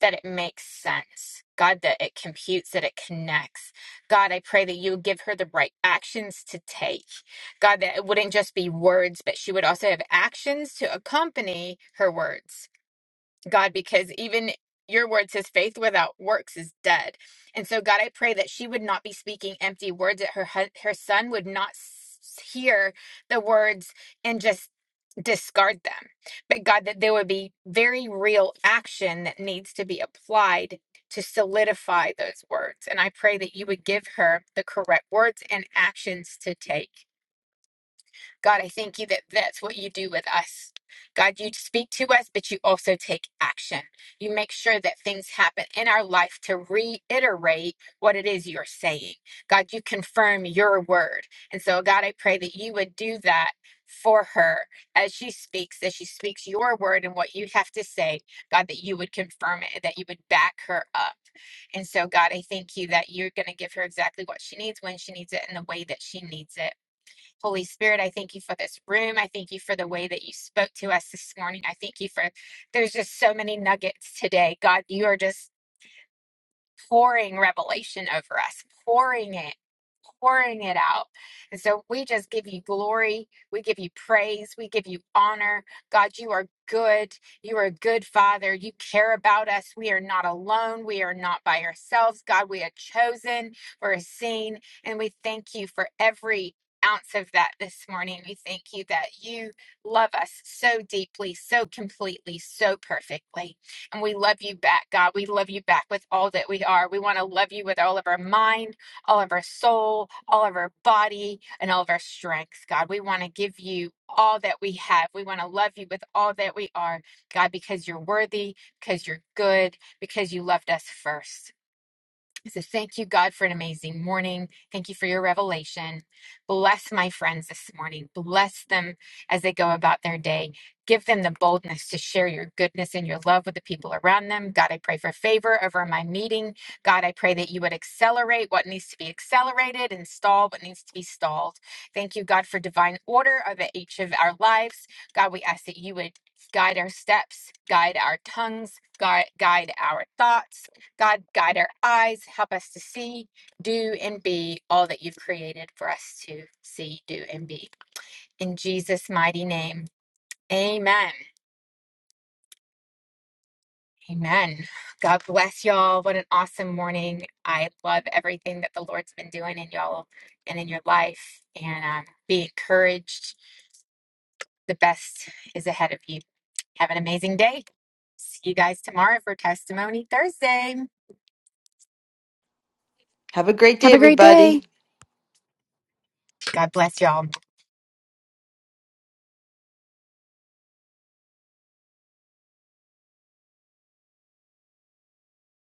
Speaker 1: that it makes sense. God, that it computes, that it connects. God, I pray that you would give her the right actions to take. God, that it wouldn't just be words, but she would also have actions to accompany her words. God, because even your word says faith without works is dead. And so, God, I pray that she would not be speaking empty words, that her, hu- her son would not s- hear the words and just discard them. But, God, that there would be very real action that needs to be applied to solidify those words. And I pray that you would give her the correct words and actions to take. God, I thank you that that's what you do with us. God, you speak to us, but you also take action. You make sure that things happen in our life to reiterate what it is you're saying. God, you confirm your word. And so, God, I pray that you would do that for her as she speaks, as she speaks your word and what you have to say, God, that you would confirm it, and that you would back her up. And so, God, I thank you that you're going to give her exactly what she needs, when she needs it, and the way that she needs it. Holy Spirit, I thank you for this room. I thank you for the way that you spoke to us this morning. I thank you for, there's just so many nuggets today. God, you are just pouring revelation over us, pouring it, pouring it out. And so we just give you glory. We give you praise. We give you honor. God, you are good. You are a good father. You care about us. We are not alone. We are not by ourselves. God, we are chosen. We're seen. And we thank you for every ounce of that this morning. We thank you that you love us so deeply, so completely, so perfectly. And we love you back, God. We love you back with all that we are. We want to love you with all of our mind, all of our soul, all of our body, and all of our strength, God. We want to give you all that we have. We want to love you with all that we are, God, because you're worthy, because you're good, because you loved us first. So thank you, God, for an amazing morning. Thank you for your revelation. Bless my friends this morning. Bless them as they go about their day. Give them the boldness to share your goodness and your love with the people around them. God, I pray for favor over my meeting. God, I pray that you would accelerate what needs to be accelerated and stall what needs to be stalled. Thank you, God, for divine order over each of our lives. God, we ask that you would guide our steps, guide our tongues, guide, guide our thoughts God, guide our eyes, help us to see, do, and be all that you've created for us to see, do, and be. In Jesus' mighty name, amen. Amen. God bless y'all. What an awesome morning. I love everything that the Lord's been doing in y'all and in your life. And um, be encouraged. The best is ahead of you. Have an amazing day. See you guys tomorrow for Testimony Thursday.
Speaker 10: Have a great day, everybody.
Speaker 1: God bless y'all.